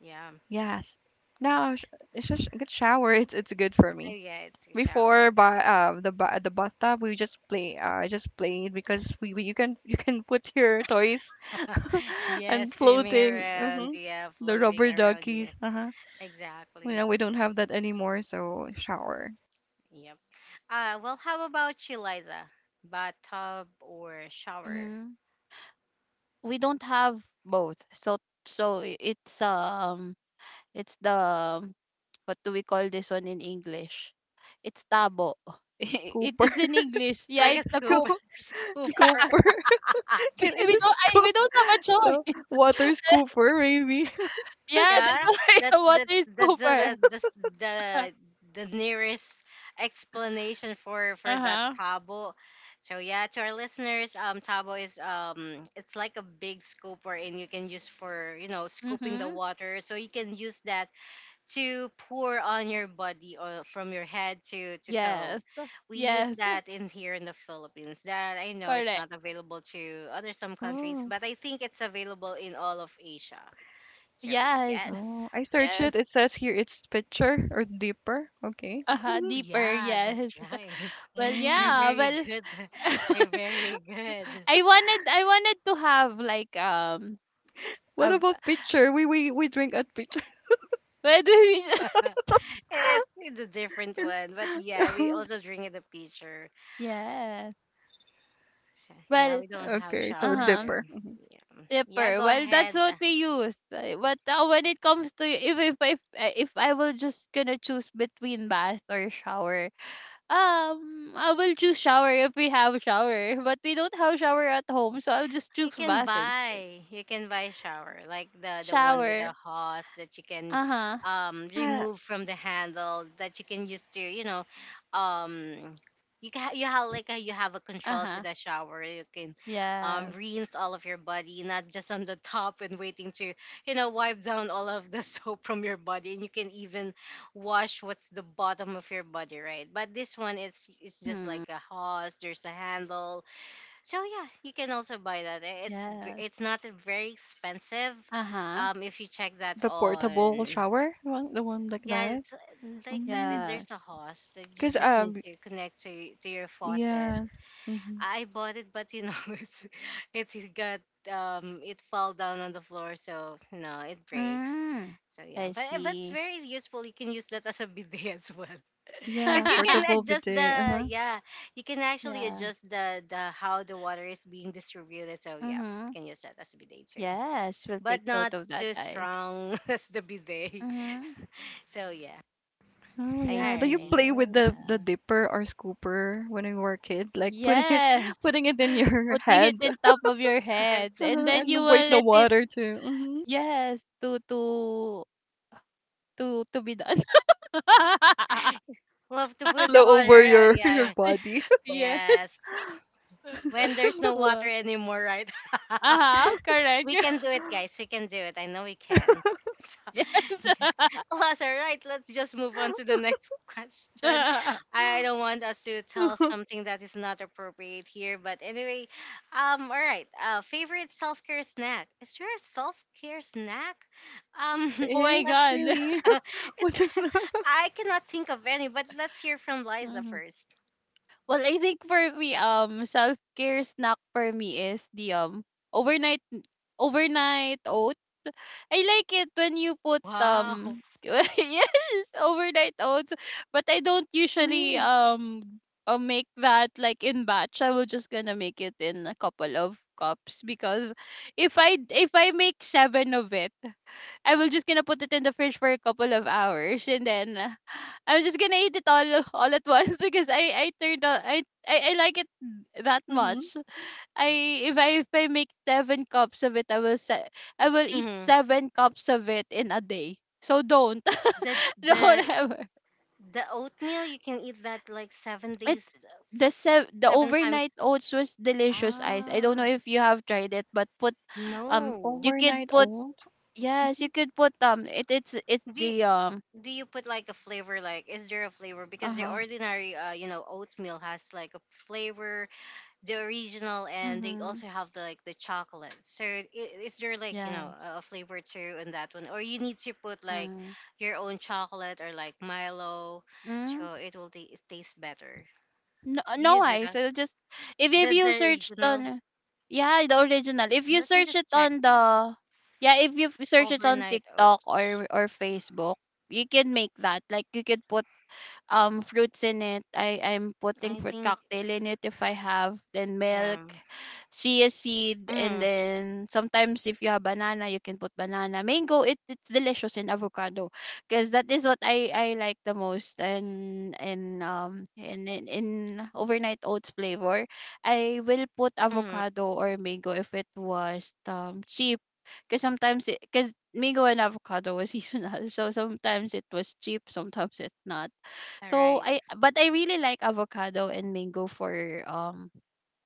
Yeah. Yes. Now it's just a good shower. It's good for Oh me. yeah, it's a shower. Before by the bathtub, we just played because we you can [laughs] put your toys. [laughs] [laughs] Yeah, And swimming floating, around. Yeah, the floating rubber around. duckies, Yeah, uh-huh. Well, exactly. now we don't have that anymore, so shower. Yep. Well, how about you, Liza? Bathtub or shower? Mhm. We don't have both, so it's, it's the what do we call this one in English? It's tabo. [laughs] The scooper. It's in English, yeah. Like a It's [laughs] the scoop, coup... scoop- [laughs] scooper. Scooper. [laughs] [laughs] Can I just go we don't have a [laughs] the choice. water [laughs] scooper maybe? [laughs] Yeah, Yeah, that's why. that [laughs] Water that is that's super. the, s- the [laughs] the nearest explanation for that Uh-huh. tabo. So yeah, to our listeners, tabo is it's like a big scooper, and you can use for you know scooping the Mhm. water. So you can use that to pour on your body or from your head to toe. Yes. We use Yes. that in here in the Philippines. That I know it's Correct. not available to other some countries, Oh, but I think it's available in all of Asia. So Yes. oh, yes. I searched Yes. it. It says here it's pitcher or dipper. Okay. [laughs] Uh-huh. Deeper. Yeah, Yes. that's [laughs] right. Well, [laughs] You're Mm. yeah. very Well, good. [laughs] You're [laughs] very good. I wanted to have, like, What a... about [laughs] pitcher? We drink at pitcher. where do we... [laughs] [laughs] It's a different one, but yeah, [laughs] we also drink in the pitcher. yes. So, yeah, Well, we don't have Okay, so shower uh-huh. too. dipper. Yeah, yeah. Dipper. Go Well, that's ahead. what we use. But when it comes to, if if I will just gonna choose between bath or shower, I will choose shower if we have shower, [laughs] but we don't have shower at home, so I'll just choose bath instead. You can buy shower like the one with Shower. a hose that you can Uh-huh. Yeah, remove from the handle that you can use to you know um you have like you have a control to Uh-huh. the shower. You can Yes. rinse all of your body, not just on the top and waiting to you know wipe down all of the [laughs] soap from your body, and you can even wash what's the bottom of your body, right? But this one it's just Mm-hmm. like a hose. There's a handle so yeah, you can also buy that. It's Yes. it's not very expensive. Uh-huh. If you check that the portable on, shower one, the one like yeah, that. it's like that. It, Mm. Yes. there's a host that you Cause just need to connect to your faucet. yeah, mm-hmm. I bought it, but you know, [laughs] it's got it fell down on the floor, so no, it breaks. Mm. So yeah, I but it's see. very useful. You can use that as a bidet as well, [laughs] Yeah, because you can [laughs] portable adjust bidet. the Uh-huh. yeah, you can actually Yeah. adjust the how the water is being distributed. So yeah, you Mm-hmm. can use that as a bidet too, Yes, we'll take but not note of that, too guys. strong [laughs] as the bidet. Mm-hmm. So yeah, Oh I all yeah. Do you right, see. play Oh, with the yeah. dipper or scooper when you were a kid? Like putting it Yes. [laughs] putting it in [laughs] your Putting it head in top of your [laughs] head, [laughs] yes, and then you and wait will the let it... water to yes, to to be done. [laughs] love to put the flow over water. Your [laughs] your Yeah, body. Yes. yes. When there's [laughs] no water Wow. anymore, right? [laughs] Uh-huh, correct. We can do [laughs] it, guys. We can do it. I know we can. [laughs] So, Yes. yes. Alas, all right. Let's just move on to the next [laughs] question. [laughs] I don't want us to tell [laughs] something that is not appropriate here, but anyway, all right. Favorite self care snack? Is there a self care snack? Um, There Oh my [laughs] is let's God. see. really. [laughs] [laughs] [laughs] It's. What is that? I cannot think of any, but let's hear from Liza Mhm. first. Well, I think for me, self-care snack for me is the, overnight overnight oats. I like it when you put, Wow. [laughs] Yes, overnight oats. But I don't usually, Mm, make that like in batch. I will just gonna make it in a couple of cups, because if I make seven of it, I will just gonna put it in the fridge for a couple of hours, and then I'm just gonna eat it all at once, [laughs] because I turned out, I like it that hmm much. I If I make seven cups of it, I will eat Mhm. seven cups of it in a day. So don't... The [laughs] don't the ever. The oatmeal you can eat that like seven It days, the seven overnight times. oats was delicious, ice. I don't Ah, know if you have tried it, but put, um you no. could Overnight put, oats. yes, you could put, it's Do you, the, do you put like a flavor? Like, is there a flavor? uh Because the huh, ordinary, you know, oatmeal has like a flavor, the original, and they mm-hmm, also have the, like the chocolate. So, is there like you know yes, a flavor too in that one, or you need to put like uh, your own chocolate or like Milo, mm. so it will taste better. No, Do no, you do ice. that? It'll just, if The you searched original. on, yeah, the original. If you Let me search just it check on that. the, yeah, if you f- search it on Overnight TikTok oats. Or Facebook, you can make that. Like, you could put, fruits in it. I'm putting I fruit think, cocktail in it if I have, then yeah. milk, chia seed, and Mm, then sometimes if you have banana, you can put banana. Mango, it's delicious in avocado, because that is what I like the most. And in overnight oats flavor. I will put mm. avocado or mango if it was, cheap, because sometimes, because mango and avocado was seasonal, [laughs] so sometimes it was cheap, sometimes it's not. All So right. I But I really like avocado and mango for,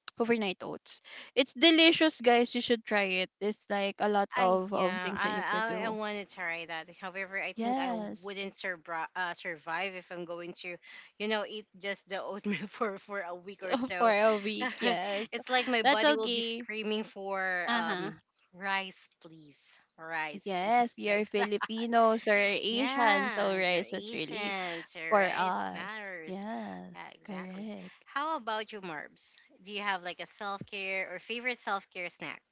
[tsk] overnight oats. It's delicious, guys. You should try it. It's like a lot I of Yeah, things that you could I do. want to try that. However, I think I Yes. wouldn't survive survive if I'm going to, you know, eat just the oatmeal [laughs] for a week or [laughs] For so. a week. [laughs] Yes, It's like my that's body will be okay. screaming for Uh huh. Rice, please, rice, Yes, please, [laughs] you're like that. Filipinos or Asian, so Yeah, your rice was really Asians, your for rice us. matters. Yes, Yeah, exactly. correct. How about you, Marbs? Do you have like a self care or favorite self care snack?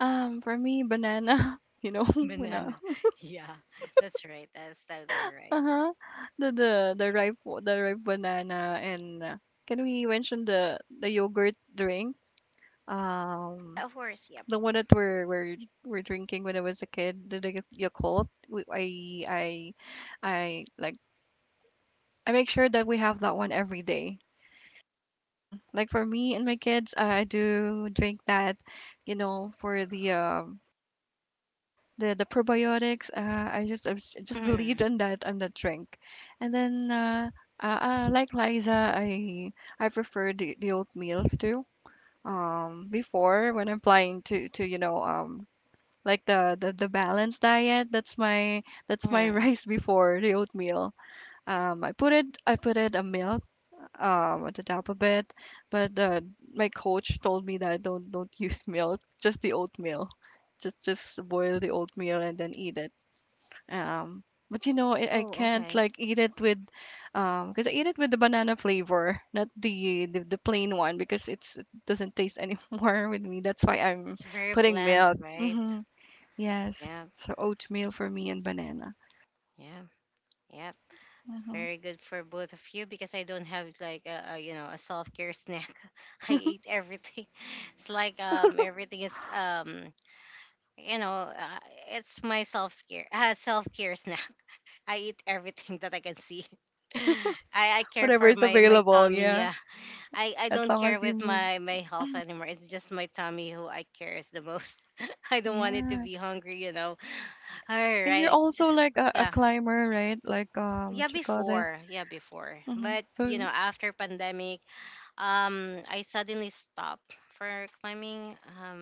For me, banana. [laughs] You know, [laughs] [laughs] when Banana. Yeah, that's right. That's totally right. huh, the ripe banana and, can we mention the yogurt drink? Um, Of course, yep. The one that we're drinking when I was a kid, the Yakult. We, I I like I make sure that we have that one every day. Mm. Like for me and my kids, I do drink that, for the the probiotics. I just Mm, believe in that and that drink, and then like Liza, I prefer the oatmeals too. Before when I'm planning to like the balanced diet. That's my [laughs] mm. rice before the oatmeal. I put it a milk at the top of it, but my coach told me that don't [laughs] use milk, just the oatmeal, just boil the oatmeal and then eat it. Um, but I Oh, can't okay. like eat it with, because I eat it with the banana flavor, not the plain one because it doesn't taste anymore [laughs] with me. That's why I'm It's very putting bland, milk. right? Mhm. Yes. Yeah, So oatmeal for me and banana. yeah, yeah. Mhm. Very good for both of you because I don't have like a you know a self care snack. [laughs] I eat everything. [laughs] It's like everything is you know, it's my self care snack. [laughs] I eat everything that I can see. [laughs] [laughs] I care Whatever for is my available, tummy. yeah. Yeah, I As don't long care as you with move. My health anymore. It's just my tummy who I cares the most. [laughs] I don't want it to Yeah. be hungry, you know. All And you're right. also like a Yeah. climber, right? Like Yeah, what you call this? before. Yeah, before. Mm-hmm. But, you know, So after pandemic, I suddenly stopped for climbing.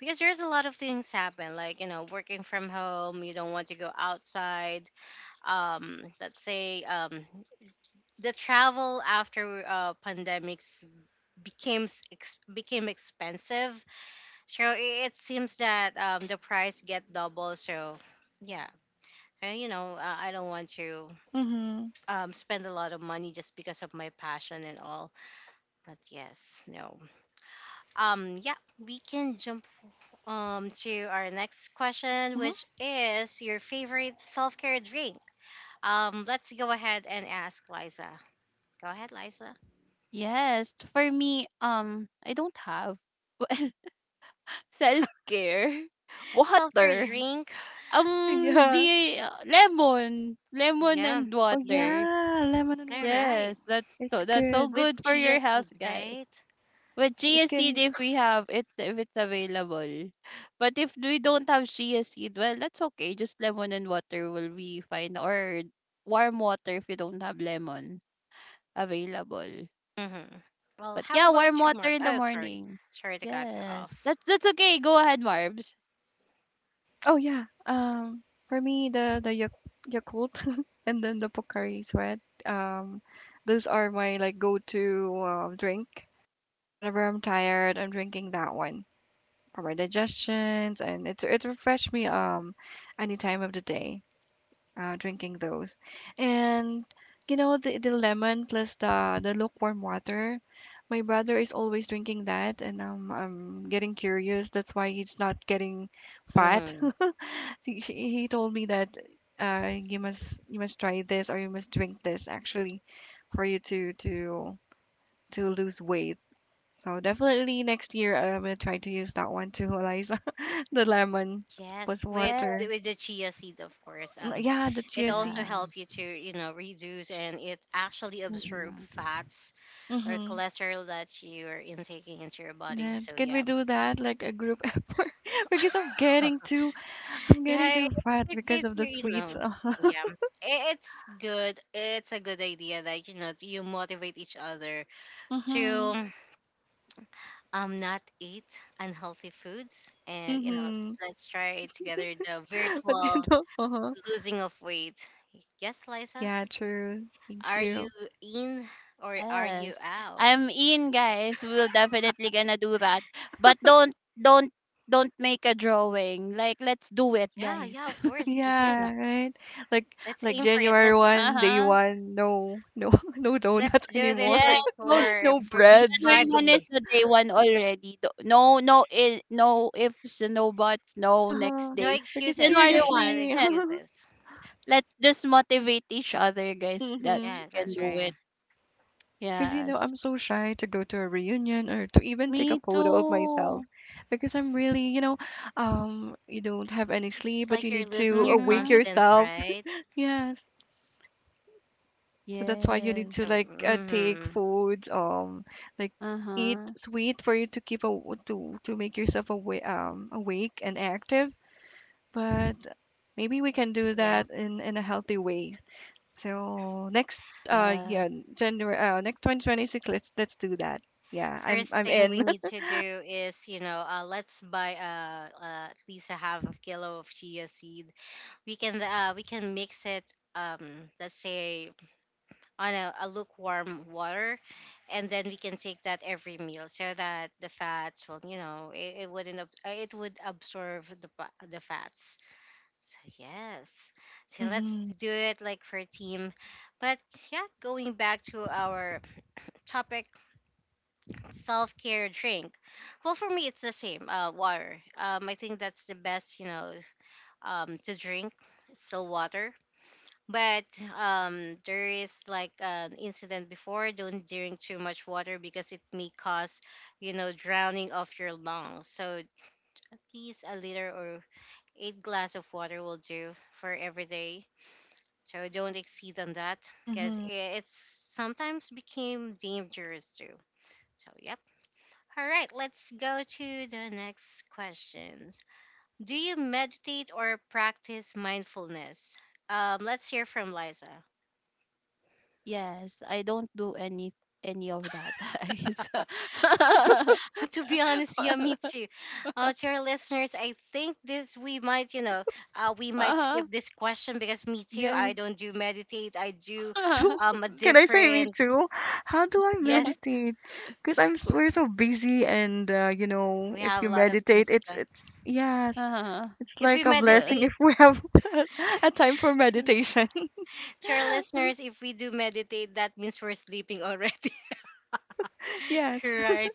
Because there's a lot of things happen like you know working from home you don't want to go outside let's say the travel after pandemics became became expensive so it seems that the price get double so yeah. So, you know I don't want to mm-hmm. Spend a lot of money just because of my passion and all, but yes no. Yeah, we can jump to our next question, Mm-hmm. which is your favorite self care drink. Let's go ahead and ask Liza. Go ahead, Liza. Yes, for me, I don't have, [laughs] self care, [laughs] Self care water. drink. [laughs] Yeah. The lemon Yeah, and Oh yeah. water. yeah, lemon and All water. Yes, right. that's It's so, that's so good. With good for chia your health, seeds, guys. right? But chia It seed, can if we have it, if it's available, but if we don't have chia seed, well, that's okay. Just lemon and water will be fine, or warm water if you don't have lemon available. Mm-hmm. Well, But how yeah, warm about you, water Mark? in the Oh, sorry. morning. Sorry to cut you Yes, off. That's okay. Go ahead, Marbs. oh yeah. Um, for me the Yak- Yakult [laughs] and then the Pocari Sweat. Um, those are my like go to drink. Whenever I'm tired, I'm drinking that one for my digestions, and it's refreshed me any time of the day. Drinking those, and you know the lemon plus the lukewarm water. My brother is always drinking that, and I'm getting curious. That's why he's not getting fat. Mm-hmm. [laughs] he, she- he told me that you must try this or you must drink this actually for you to lose weight, so definitely next year I'm gonna try to use that one too, Eliza. [laughs] the lemon with Yes, Yeah, water. with the chia seed, of course. Mm, yeah, the It chia also seeds. yeah. help you to you know reduce and it actually absorb fats or Mm-hmm. cholesterol that you are intaking into your body. Yes. So Can we yeah, do that like a group [laughs] effort? Because I'm getting yeah, too fat it's because okay of to the you sweets. know, Uh-huh. yeah, it's good. It's a good idea that you know you motivate each other Mm-hmm. to not eat unhealthy foods, and you know Mm-hmm. let's try together the [laughs] But you virtual know, uh-huh. losing of weight. Yes, Liza, Yeah, true. Thank are you you. in or are you Yes. out? I'm in, guys. We will definitely gonna do that. But don't don't make a drawing. Like, let's do it, Yeah, guys. yeah, of [laughs] course we Yeah, can. right. Like Let's like aim for it. January Let's. one, day Uh-huh. one, no, no, [laughs] no Let's donuts do anymore. this Yes. like So not... [laughs] for No bread. January 1 is Beachbody. the day one already. No, no, no ifs, no buts, no next Uh-huh. No day. Because excuses, January guys. No one, seriously. [laughs] yes. excuses. Let's just motivate each other, guys, that Mm-hmm. we Yeah, can that's do right. it. Because, you know, Yes. I'm so shy to go to a reunion or to even take a Me photo of myself too. because I'm really, you don't have any sleep, It's but you like you're need losing to your awake Mm-hmm. confidence, yourself. right? [laughs] Yes. So that's why you need Yes. So, to like take mm-hmm. foods, like eat Uh-huh. sweet for you to keep a to make yourself awake, awake and active. But maybe we can do Yeah. that in a healthy way. So next, Yeah. yeah, January, next 2026. Let's do that. Yeah, I'm First I'm thing we in. need to do is, you know, let's buy at least a half a kilo of chia seed. We can mix it. Let's say on a lukewarm water and then we can take that every meal so that the fats will you know it wouldn't it would absorb the fats so yes. [laughs] So let's hmm do it like for a team, but yeah going back to our topic, self-care drink. Well for me it's the same, uh, water. Um, I think that's the best, you know, to drink. It's still water, but there is like an incident before. Don't drink too much water because it may cause, you know, drowning of your lungs. So at least a liter or eight glass of water will do for every day. So don't exceed on that because hmm it's sometimes became dangerous too. So yep. All right, let's go to the next questions. Do you meditate or practice mindfulness? Let's hear from Liza. Yes, I don't do any of that. [laughs] It's- [laughs] To be honest, yeah, me [laughs] too. To our listeners, I think this we might, you know, we might uh-huh. skip this question because me too. I Yes. don't do meditate. I do Me too. [laughs] A [laughs] Can I say me different. too? How do I Yes, meditate? Because Well, we're so busy, and you know, we if have a you lot of meditate, things to go. it's yes, uh, it's If we like a well, blessing meditate, if we have [laughs] a time for [laughs] to meditation. [laughs] Our listeners, if we do meditate, that means we're sleeping already, Yes, [laughs] right?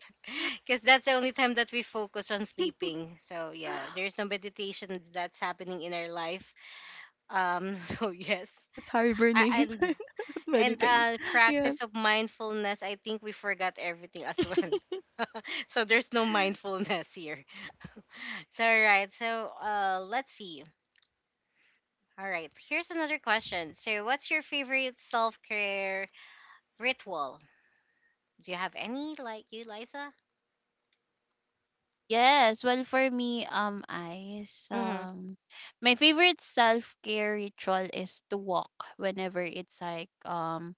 Because that's the only time that we focus on sleeping. So yeah, there's some meditation that's happening in our life. [laughs] So yes, that's I, hibernate, and. [laughs] And meditate. Yes. practice of mindfulness, I think we forgot everything as well. [laughs] So there's no mindfulness here. So, all right. So, let's see. All right. Here's another question. So, what's your favorite self care ritual? Do you have any, like you, Liza? yes. Well, for me, ice. Mm-hmm. My favorite self care ritual is to walk whenever it's like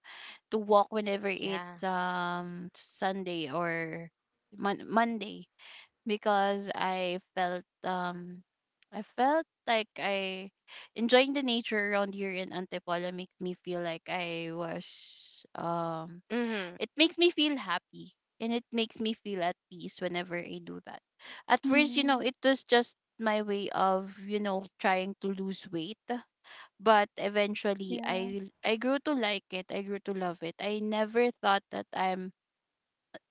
to walk whenever Yeah. it's Sunday or Monday because I felt, I felt like I enjoying the nature around here in Antipolo makes me feel like I was, Mm-hmm. it makes me feel happy, and it makes me feel at peace whenever I do that. At first, you know, Hmm. it was just my way of, you know, trying to lose weight, but eventually Yeah. I grew to like it. I grew to love it. I never thought that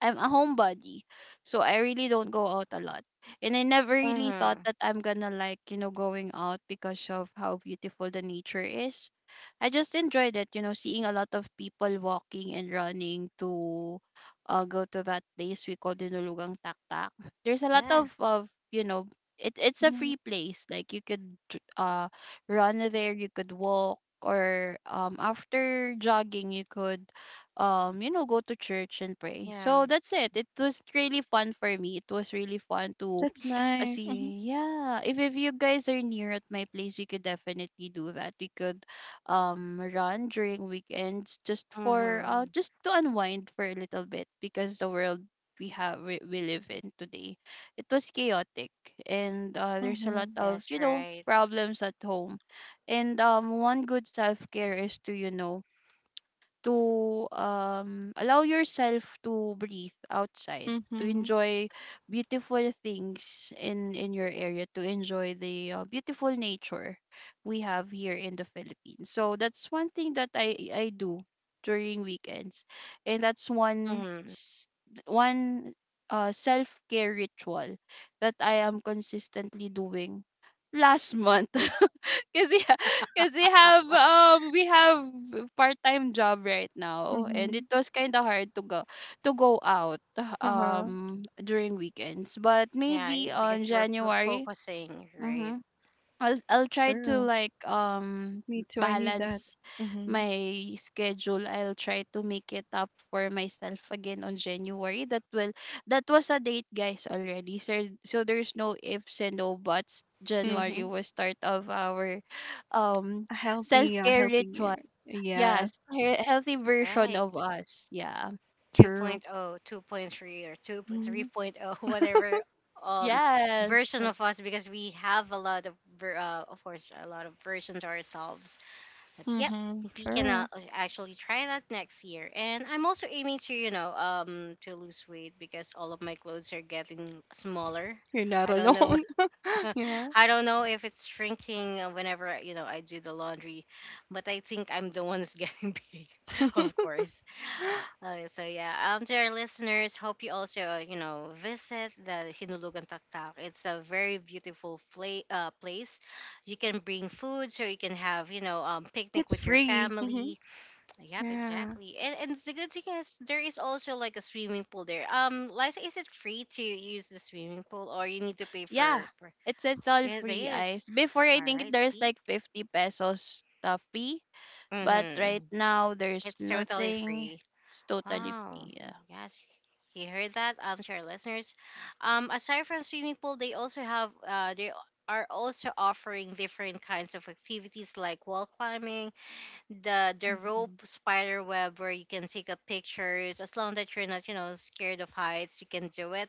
I'm a homebody. So I really don't go out a lot. And I never really thought Mm-hmm. that I'm gonna, like, you know, going out because of how beautiful the nature is. I just enjoyed it, you know, seeing a lot of people walking and running to go to that place we call Dinulugang Taktak. There's a lot Yeah. of, it's a Hmm. free place. Like you could run there, you could walk, or after jogging, you could you know go to church and pray. Yeah. So that's it. It was really fun for me. It was really fun to That's nice. Hmm. see. Yeah, if you guys are near at my place, we could definitely do that. We could run during weekends just for Mm-hmm. just to unwind for a little bit, because the world we live in today, it was chaotic. And there's a lot Hmm. of, Yes, you know, right. problems at home. And one good self-care is to, you know, to allow yourself to breathe outside, to Mhm, enjoy beautiful things in your area, to enjoy the beautiful nature we have here in the Philippines. So that's one thing that I do during weekends. And that's Mm-hmm. One self-care ritual that I am consistently doing last [laughs] month. Cause Yeah, [laughs] cause they have we have part time job right now, and mhm, it was kind of hard to go out uh-huh, during weekends. But Yeah, yeah, maybe on because you were January. focusing, right? mm-hmm, I'll try to, true. like, Me too, I need that. balance Mhm, my schedule. I'll try to make it up for myself again on January. That was a date, guys, already. So so there's no ifs and no buts. January mhm. was start of our um self A care ritual. healthy, yeah, Yes, healthy version of Right. us. Yeah. true. 2.0, 2.3, or 2 Mhm, 3.0, [laughs] whatever um Yes. version of us, because we have a lot of of course a lot of versions ourselves, but yep, mhm, we can true. actually try that next year. And I'm also aiming to to lose weight, because all of my clothes are getting smaller. You're not I don't know, alone. [laughs] Yeah, [laughs] I don't know if it's shrinking whenever I do the laundry, but I think I'm the one who's getting [laughs] big, of course. Oh, so yeah, to our listeners, hope you also visit the Hinulugan Taktak. It's a very beautiful place. You can bring food, so you can have and picnic it's with your free. Mhm, family. Yep, yeah. exactly. And the good thing is there is also like a swimming pool there. Liza, is it free to use the swimming pool, or you need to pay Yeah. for? It's all It free, is. guys. Before, I All think right. there's See. like 50 pesos the fee. But Mm-hmm. right now, there's It's totally nothing. free. It's totally Wow. free. Yeah. Yes. You heard that, to our listeners. Aside from swimming pool, they also have they are also offering different kinds of activities like wall climbing, the rope Hmm. spider web, where you can take up pictures. As long that you're not, you know, scared of heights, you can do it.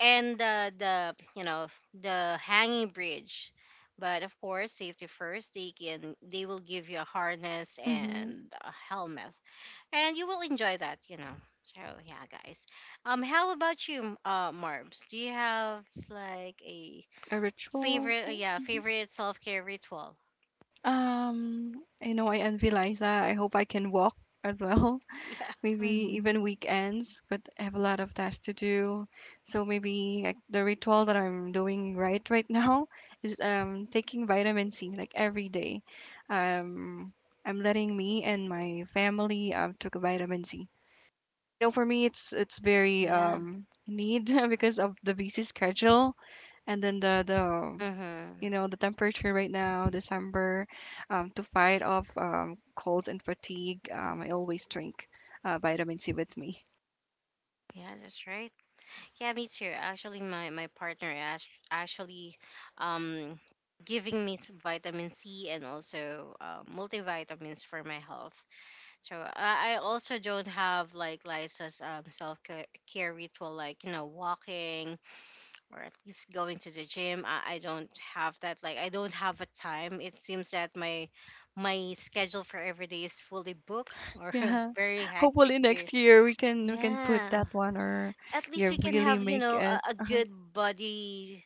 And the the hanging bridge. But of course, safety first. They will give you a harness Mhm. and a helmet, and you will enjoy that, you know. So yeah, guys. How about you, Marbs? Do you have like a A ritual or favorite? Yeah, something. favorite self care ritual. Um, I know I envy Liza. I hope I can walk as well. [laughs] Yeah. Maybe Mm-hmm. even weekends, but I have a lot of tasks to do. So maybe like, the ritual that I'm doing right [laughs] now is taking vitamin C like every day. Um, I'm letting me and my family took a vitamin C. You know, for me, it's very Yeah. Need [laughs] because of the busy schedule and then the Mm-hmm. you know the temperature right now December to fight off colds and fatigue I always drink vitamin C with me. Yeah, that's right. Yeah, me too. Actually, my partner actually um giving me vitamin C and also multivitamins for my health. So I also don't have like Liza's self care ritual, like you know, walking or at least going to the gym. I don't have that, like I don't have a time. It seems that my schedule for every day is fully booked, or Yeah, [laughs] very hectic hopefully too. next year we can put Yeah, that one or at least yeah we can really have, you make know, it a uh-huh. good body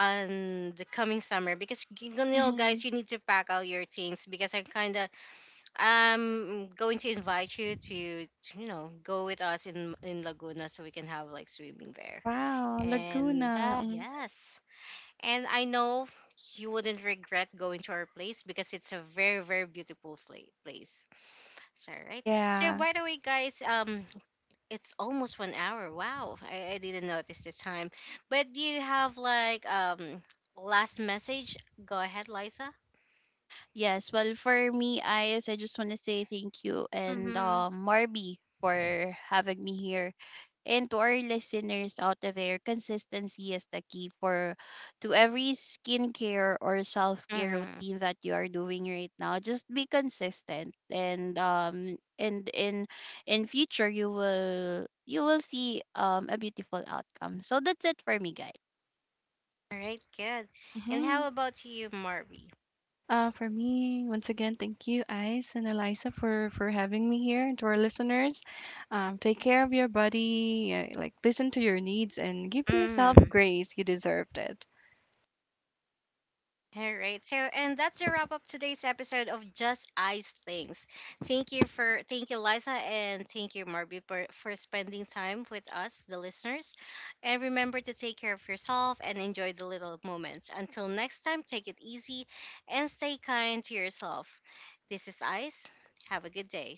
on the coming summer, because you know, Hmm. guys, you need to pack out your things, because I'm kind of, I'm going to invite you to, you know, go with us in Laguna, so we can have like swimming there. Wow, And Laguna. Yeah. Mm. yes, and I know you wouldn't regret going to our place, because it's a very, very beautiful place. So, right. So, Yeah. by the way, guys, it's almost 1 hour. Wow, I didn't notice the time. But do you have like last message? Go ahead, Liza. Yes. Well, for me, Ayes, I just want to say thank you, and Mm-hmm. Marby, for having me here. And to our listeners out there, consistency is the key for to every skincare or self care Mm-hmm. routine that you are doing right now. Just be consistent, and in future you will see a beautiful outcome. So that's it for me, guys. All right, good. And Mm-hmm. how about you, Marby? For me, once again, thank you, Ice and Eliza, for having me here. And to our listeners, take care of your body, like listen to your needs, and give yourself Mm-hmm. grace. You deserved it. All right. So, and that's a wrap up today's episode of Just Ice Things. Thank you, Liza, and thank you, Marby, for spending time with us, the listeners. And remember to take care of yourself and enjoy the little moments. Until next time, take it easy and stay kind to yourself. This is Ice. Have a good day.